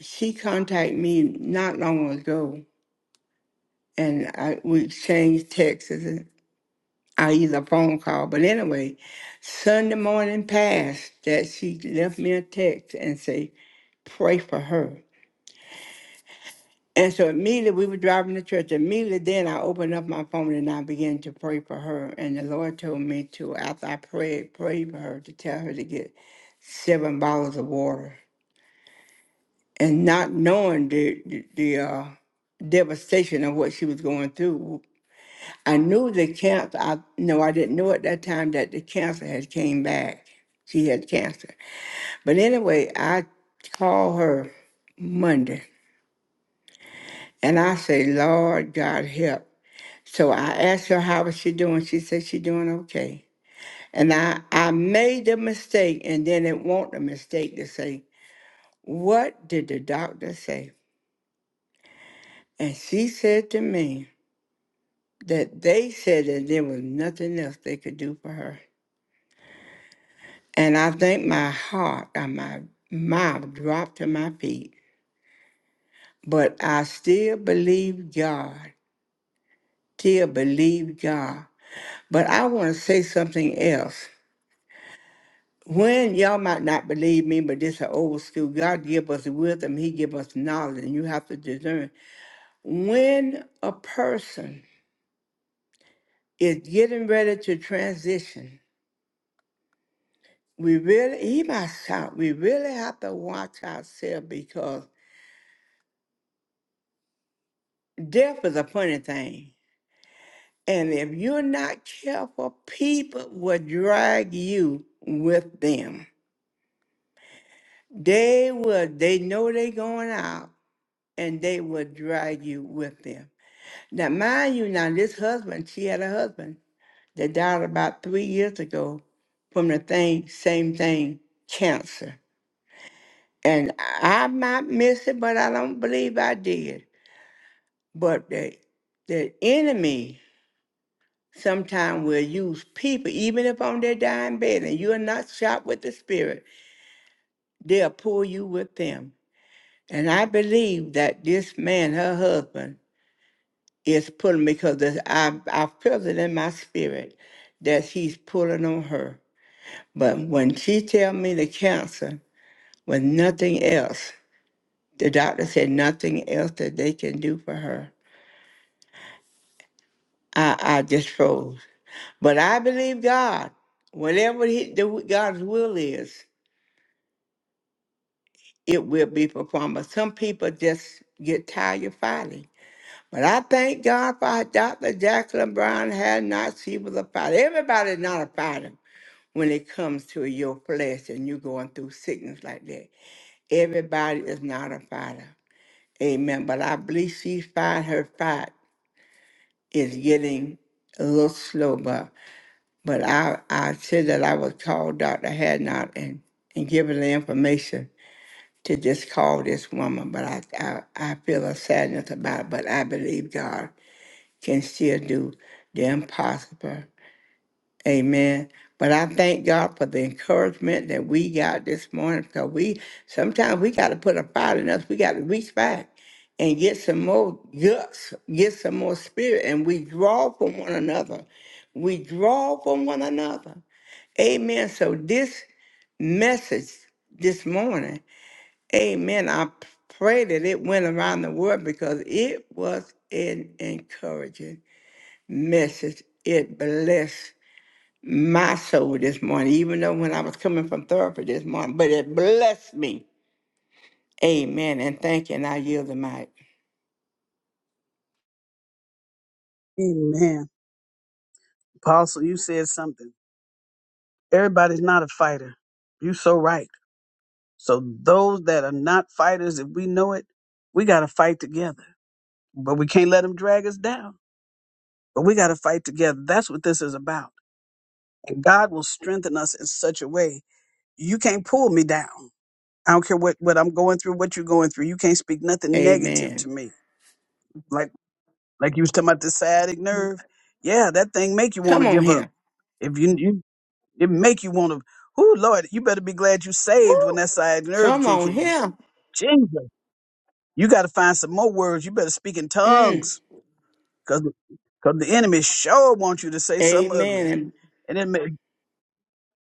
G: she contacted me not long ago. And I, we exchanged texts I either a phone call, but anyway, Sunday morning passed that she left me a text and say, pray for her. And so immediately we were driving to church. Immediately then I opened up my phone and I began to pray for her. And the Lord told me to, after I prayed, pray for her to tell her to get seven bottles of water. And not knowing the the, the uh, devastation of what she was going through, I knew the cancer. I no, I didn't know at that time that the cancer had came back. She had cancer. But anyway, I called her Monday and I say, Lord God help. So I asked her how was she doing. She said she doing okay. And I, I made the mistake and then it won't a mistake to say, What did the doctor say? And she said to me that they said that there was nothing else they could do for her. And I think my heart and my mouth dropped to my feet. But I still believe God, still believe God. But I want to say something else. When y'all might not believe me, but this is an old school, God give us wisdom, He give us knowledge, and you have to discern. When a person is getting ready to transition, we really, he might shout, we really have to watch ourselves because death is a funny thing. And if you're not careful, people will drag you with them. They will, they know they going out and they will drag you with them. Now, mind you, now this husband, she had a husband that died about three years ago from the thing, same thing, cancer. And I might miss it, but I don't believe I did. But the, the enemy Sometimes we'll use people, even if on their dying bed and you're not shot with the spirit, they'll pull you with them. And I believe that this man, her husband, is pulling because I, I feel it in my spirit that he's pulling on her. But when she tell me the cancer was nothing else, the doctor said nothing else that they can do for her. I, I just froze. But I believe God, whatever he, the, God's will is. it will be performed. But some people just get tired of fighting. But I thank God for Dr. Jacqueline Brown had not, she was a fighter. Everybody's not a fighter when it comes to your flesh and you going through sickness like that. Everybody is not a fighter. Amen. But I believe she fight her fight is getting a little slow, but but I, I said that I would call Dr. Hadnot and, and give her the information to just call this woman, but I, I, I feel a sadness about it, but I believe God can still do the impossible. Amen. But I thank God for the encouragement that we got this morning because we sometimes we got to put a fight in us. We got to reach back and get some more guts, get some more spirit, and we draw from one another. We draw from one another. Amen. So this message this morning Amen. I p- pray that it went around the world because it was an encouraging message. It blessed my soul this morning, even though when I was coming from therapy this morning, but it blessed me. Amen. And thank you. And I yield the mic.
A: Amen. Apostle, you said something. Everybody's not a fighter. You so right. So those that are not fighters, if we know it, we got to fight together. But we can't let them drag us down. But we got to fight together. That's what this is about. And God will strengthen us in such a way. You can't pull me down. I don't care what, what I'm going through, what you're going through. You can't speak nothing negative
G: Amen.
A: to me like. like you was talking about the sciatic nerve. Yeah, that thing make you want
G: Come
A: to
G: on
A: give up.
G: here.
A: If you, you it make you want to. Ooh, Lord, you better be glad you saved when that sciatic nerve
G: Come
A: kick
G: on
A: in.
G: here.
A: Jesus, you got to find some more words. You better speak in
G: Mm.
A: tongues, cause cause the enemy sure want you to say something
G: Amen.
A: ugly.
G: And
A: And it make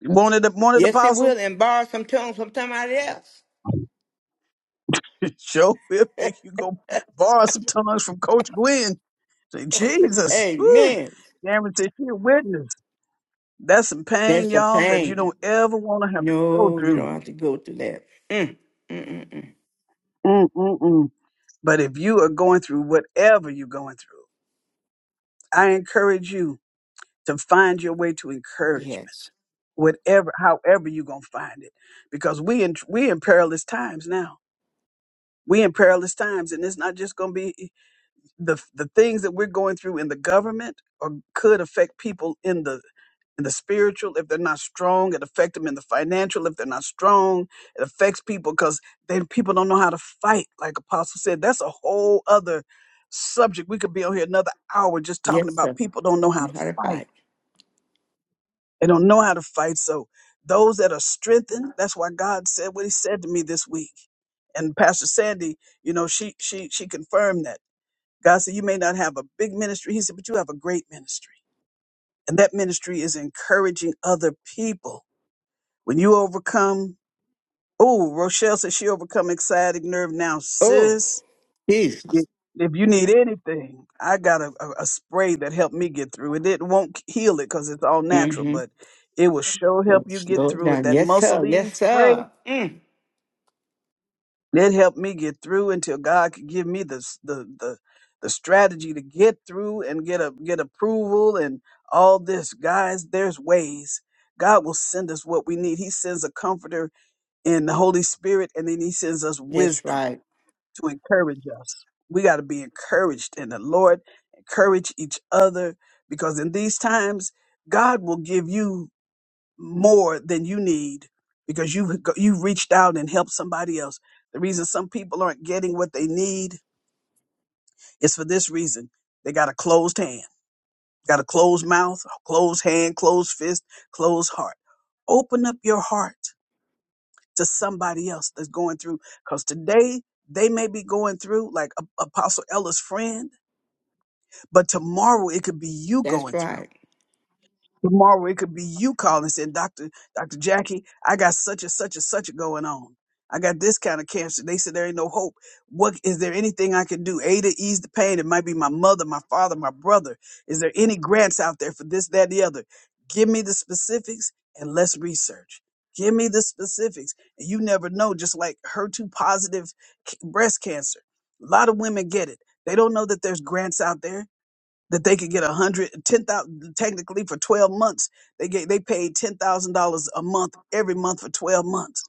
A: wanted the wanted
G: yes, it
A: apostle
G: will. And borrow some tongues from somebody else.
A: sure will make you go borrow some tongues from Coach Gwen. Say Jesus, whoo.
G: Amen.
A: Cameron said she a witness. That's some pain,
G: That's the
A: y'all, that you
G: thing.
A: don't ever want to have to go
G: No, you
A: through.
G: don't have to go through that. Mm, mm, mm, mm.
A: Mm-mm-mm. But if you are going through whatever you're going through, I encourage you to find your way to encouragement,
G: Yes.
A: whatever, however you're going to find it. Because we in, we in perilous times now. We in perilous times, and it's not just going to be the the things that we're going through in the government or could affect people in the in the spiritual if they're not strong it affect them in the financial if they're not strong it affects people because then people don't know how to fight like apostle said that's a whole other subject we could be on here another hour just talking
G: Yes,
A: about
G: sir.
A: people don't know how
G: I'm
A: to fight
G: horrified.
A: they don't know how to fight so those that are strengthened that's why god said what he said to me this week and pastor sandy you know she she she confirmed that God said, You may not have a big ministry. He said, But you have a great ministry. And that ministry is encouraging other people. When you overcome, oh, Rochelle said she overcome excited nerve. Now,
G: Oh,
A: sis, if
G: Jesus.
A: if you need anything, I got a, a, a spray that helped me get through it. It won't heal it because it's all natural,
G: Mm-hmm.
A: but it will sure
G: So
A: help you get
G: Slow
A: through it.
G: down.
A: That
G: Yes,
A: muscle
G: sir. Yes,
A: spray
G: sir. Mm.
A: It helped me get through until God could give me the s- the the, the strategy to get through and get a get approval and all this. Guys, there's ways. God will send us what we need. He sends a comforter in the Holy Spirit, and then He sends us
G: That's
A: wisdom
G: right.
A: to encourage us. We got to be encouraged in the Lord, encourage each other, because in these times, God will give you more than you need because you've go- you've reached out and helped somebody else. The reason some people aren't getting what they need is for this reason: they got a closed hand, got a closed mouth, a closed hand, closed fist, closed heart. Open up your heart to somebody else that's going through, because today they may be going through like A- Apostle Ella's friend, but tomorrow it could be you
G: That's
A: going through.
G: right.
A: Tomorrow it could be you calling saying, Doctor, Dr. Jackie, I got such and such and such going on. I got this kind of cancer. They said there ain't no hope. What is there anything I can do? A to ease the pain. It might be my mother, my father, my brother. Is there any grants out there for this, that, the other? Give me the specifics and let's research. Give me the specifics. And you never know, just like HER2 positive c- breast cancer. A lot of women get it. They don't know that there's grants out there that they could get a hundred ten thousand technically for twelve months. They get they paid ten thousand dollars a month every month for twelve months,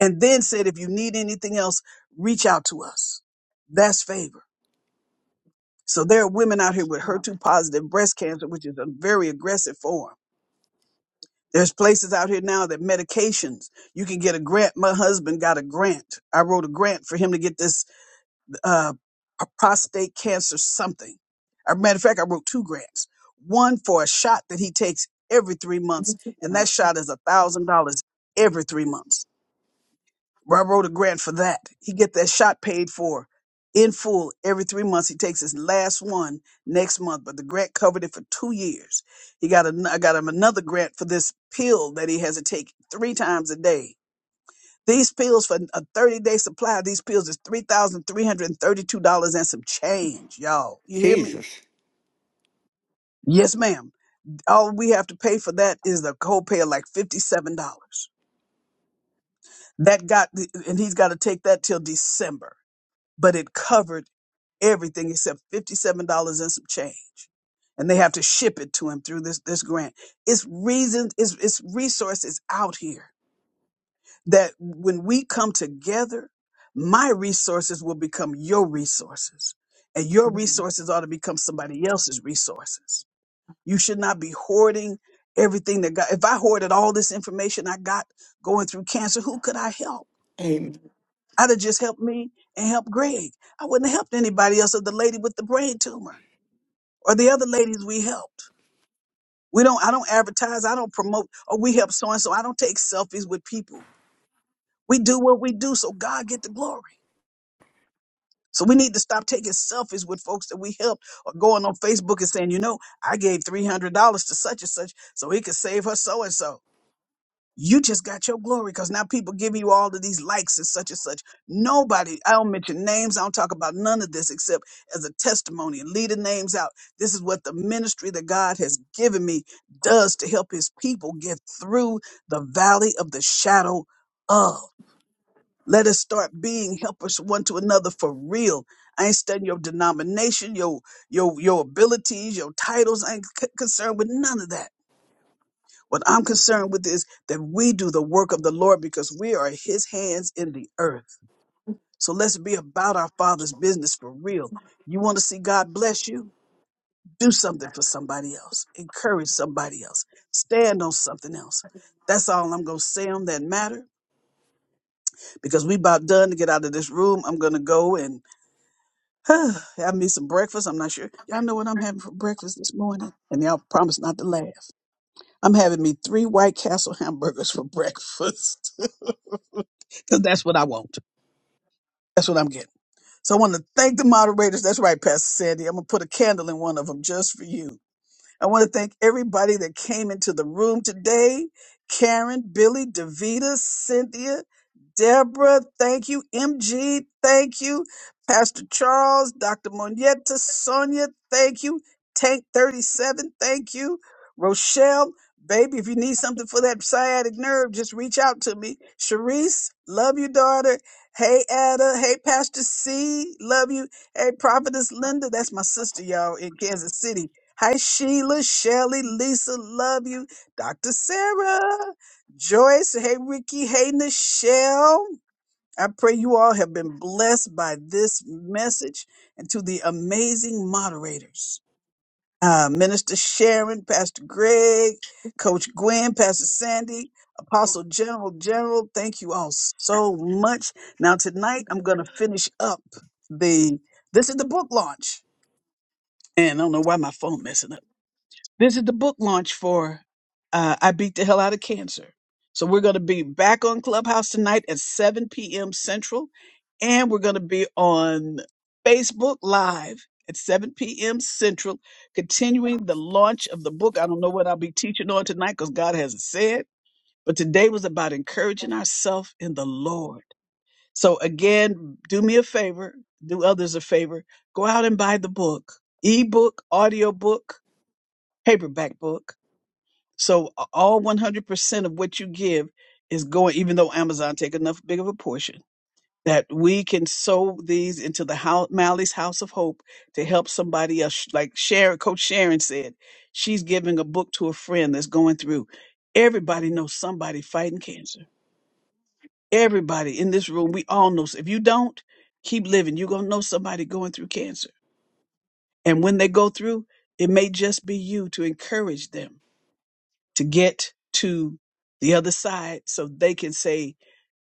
A: and then said if you need anything else, reach out to us. That's favor. So there are women out here with HER2 positive breast cancer, which is a very aggressive form. There's places out here now that medications you can get a grant. My husband got a grant. I wrote a grant for him to get this uh, a prostate cancer something. As a matter of fact, I wrote two grants. One for a shot that he takes every three months, and that shot is a thousand dollars every three months. Well, I wrote a grant for that. He get that shot paid for in full every three months. He takes his last one next month, but the grant covered it for two years. He got an, I got him another grant for this pill that he has to take three times a day these pills for a 30 day supply of these pills is $3,332 and thirty two dollars and some change, y'all. You hear me?
G: Jesus.
A: Yes, ma'am. All we have to pay for that is the copay of like $57. That got, and he's got to take that till December, but it covered everything except $57 and some change. And they have to ship it to him through this, this grant. It's reasons, it's, it's resources out here that when we come together, my resources will become your resources, and your resources ought to become somebody else's resources. You should not be hoarding everything that God. If I hoarded all this information I got going through cancer, who could I help?
G: Amen.
A: I'd have just helped me and helped Greg. I wouldn't have helped anybody else or the lady with the brain tumor or the other ladies we helped. We don't, I don't advertise. I don't promote. Or we help so and so. I don't take selfies with people. We do what we do so God get the glory. So we need to stop taking selfies with folks that we helped or going on Facebook and saying, you know, I gave $300 to such and such so he could save her so and so. You just got your glory because now people give you all of these likes and such and such. Nobody, I don't mention names, I don't talk about none of this except as a testimony and leading names out. This is what the ministry that God has given me does to help his people get through the valley of the shadow of. Let us start being helpers one to another for real. I ain't studying your denomination, your your your abilities, your titles. I ain't c- concerned with none of that. What I'm concerned with is that we do the work of the Lord because we are His hands in the earth. So let's be about our Father's business for real. You want to see God bless you? Do something for somebody else. Encourage somebody else. Stand on something else. That's all I'm gonna say on that matter because we about done to get out of this room. I'm gonna go and I need some breakfast. I'm not sure. Y'all know what I'm having for breakfast this morning. And y'all promise not to laugh. I'm having me three White Castle hamburgers for breakfast. Because that's what I want. That's what I'm getting. So I want to thank the moderators. That's right, Pastor Sandy. I'm going to put a candle in one of them just for you. I want to thank everybody that came into the room today. Karen, Billy, Davita, Cynthia, Deborah, thank you. MG, thank you. Pastor Charles, Dr. Monietta, Sonia, thank you. Tank 37, thank you. Rochelle, baby, if you need something for that sciatic nerve, just reach out to me. Sharice, love you, daughter. Hey, Ada. Hey, Pastor C, love you. Hey, Prophetess Linda, that's my sister, y'all, in Kansas City. Hi, Sheila, Shelly, Lisa, love you. Dr. Sarah, Joyce, hey, Ricky, hey, Nichelle. I pray you all have been blessed by this message and to the amazing moderators. Uh, Minister Sharon, Pastor Greg, Coach Gwen, Pastor Sandy, Apostle General General, thank you all so much. Now, tonight I'm going to finish up the, this is the book launch. And I don't know why my phone messing up this is the book launch for uh, I Beat the Hell Out of Cancer. So we're going to be back on Clubhouse tonight at 7 p.m. Central, and we're going to be on Facebook Live at 7 p.m. Central, continuing the launch of the book. I don't know what I'll be teaching on tonight because God hasn't said, but today was about encouraging ourselves in the Lord. So again, do me a favor, do others a favor, go out and buy the book, ebook, audiobook, paperback book so a- all 100% of what you give is going, even though Amazon take enough big of a portion, that we can sow these into the house, Mally's House of Hope to help somebody else. Like Sharon, Coach Sharon said, she's giving a book to a friend that's going through. Everybody knows somebody fighting cancer. Everybody in this room, we all know. If you don't, keep living. You're going to know somebody going through cancer. And when they go through, it may just be you to encourage them to get to the other side so they can say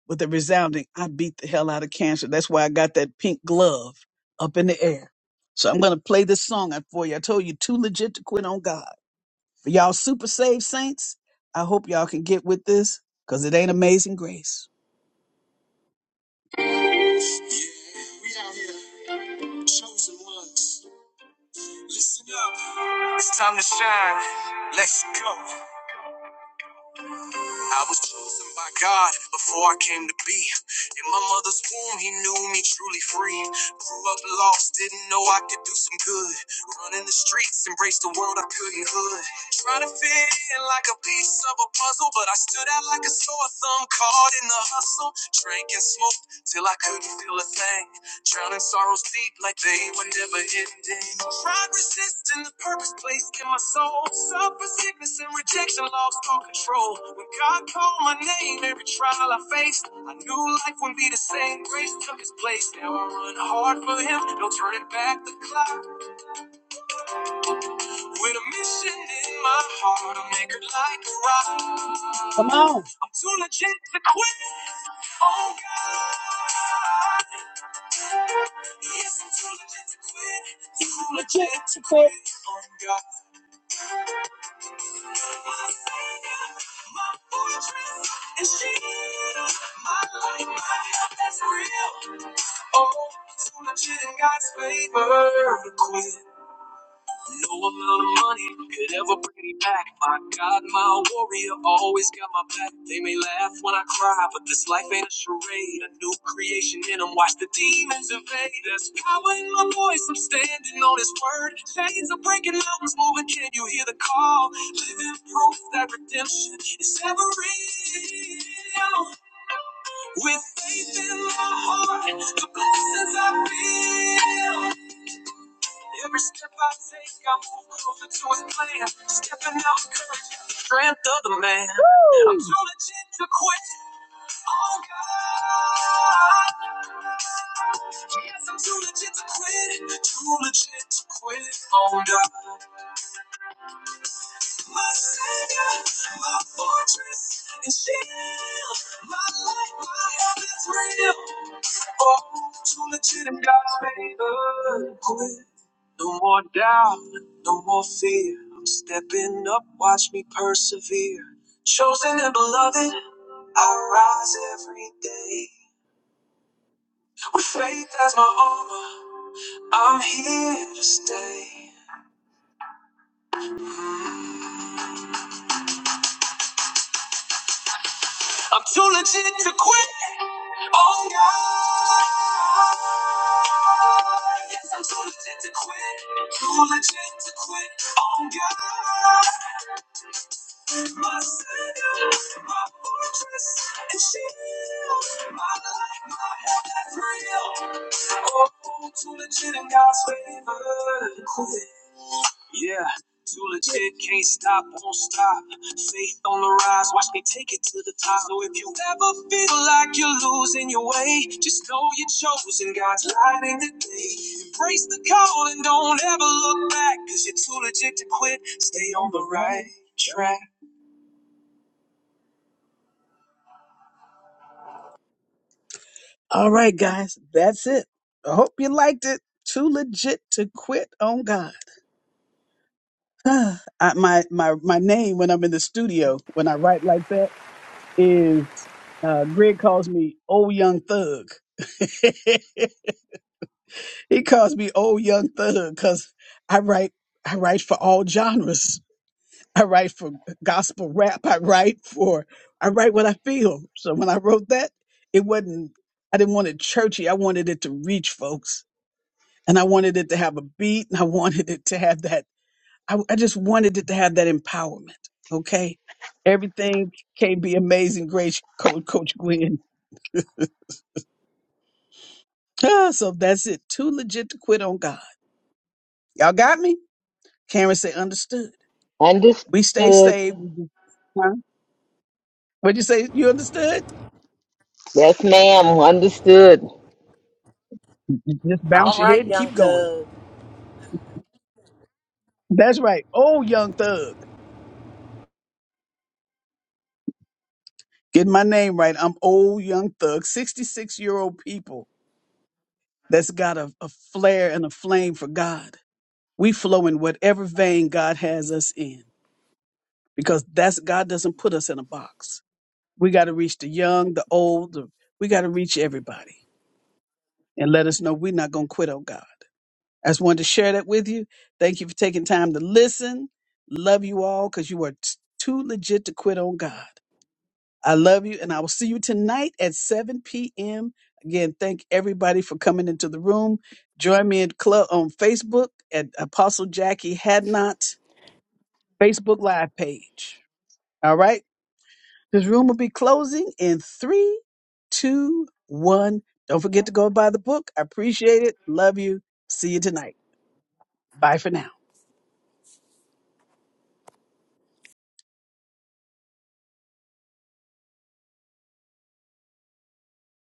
A: with a resounding, I beat the hell out of cancer. That's why I got that pink glove up in the air. So I'm going to play this song out for you. I told you, too legit to quit on God. For y'all super saved saints, I hope y'all can get with this because it ain't amazing grace. Yeah, we out here, chosen ones. Listen up. It's time to shine. Let's go. I was chosen by God before I came to be. In my mother's womb, He knew me truly free. Grew up lost, didn't know I could do some good. Running the streets, embraced the world I couldn't hood. Trying to fit in like a piece of a puzzle, but I stood out like a sore thumb caught in the hustle. Drank and smoked till I couldn't feel a thing. Drowning sorrows deep like they were never ending. Tried resisting the purpose placed in my soul. Suffer sickness and rejection, lost all control. When God called my name, every trial I faced, I knew life wouldn't be the same. Grace took its place. Now I run hard for Him, no turning back the clock. With a mission in my heart, I'll make it like a rock. Come on. I'm too legit to quit. Oh God. Yes, I'm too legit to quit. Too legit to quit. Oh God. My savior, my fortress, and shield. My life, my help, that's real. Oh, too legit in God's favor to quit. No amount of money could ever bring me back. My God, my warrior, always got my back. They may laugh when I cry, but this life ain't a charade. A new creation in in 'em. Watch the demons invade. There's power in my voice. I'm standing on His word. Chains are breaking, mountains moving. Can you hear the call? Living proof that redemption is ever real. With faith in my heart, the blessings I feel. Every step I take, I move closer to his plan. Stepping out, courage, strength of the man. Woo! I'm too legit to quit. Oh God. Yes, I'm too legit to quit. Too legit to quit. Oh God. My savior, my fortress, and shield. My life, my heaven's real. Oh, too legit in God's favor. Quit. No more doubt, no more fear. I'm stepping up, watch me persevere. Chosen and beloved, I rise every day. With faith as my armor, I'm here to stay. I'm too legit to quit on God. Yes, I'm too legit to quit. Too legit to quit on God. my savior, my fortress and shield, my life, my help that's real. Oh, too legit in God's favor. Yeah. Too legit, can't stop, won't stop. Faith on the rise, watch me take it to the top. So if you ever feel like you're losing your way, just know you're chosen. God's light in the day. Embrace the call and don't ever look back, cause you're too legit to quit. Stay on the right track. All right, guys, that's it. I hope you liked it. Too legit to quit on God. I, my my my name when I'm in the studio when I write like that is uh, Greg calls me Old Young Thug. he calls me Old Young Thug because I write I write for all genres. I write for gospel rap. I write for I write what I feel. So when I wrote that, it wasn't. I didn't want it churchy. I wanted it to reach folks. and I wanted it to have a beat and I wanted it to have that. I, I just wanted it to have that empowerment. Okay. Everything can be amazing. Great coach, coach Gwen. Ah, so that's it. Too legit to quit on God. Y'all got me? Karen said, understood. We stay
E: Understood.
A: saved. We just- Huh? What'd you say? You understood?
E: Yes, ma'am. Understood.
A: You Just bounce your head and keep going. That's right. Old young thug. Get my name right. I'm old young thug, 66 year old people that's got a, a flair and a flame for God We flow in whatever vein God has us in because that's God doesn't put us in a box. We got to reach the young, the old, the, we got to reach everybody and let us know we're not going to quit on God. I just wanted to share that with you. Thank you for taking time to listen. Love you all because you are t- too legit to quit on God. I love you and I will see you tonight at 7 p.m. Again, thank everybody for coming into the room. Join me in club on Facebook at Apostle Jackie Hadnot Facebook Live page. All right. This room will be closing in three, two, one. Don't forget to go buy the book. I appreciate it. Love you. See you tonight. Bye for now.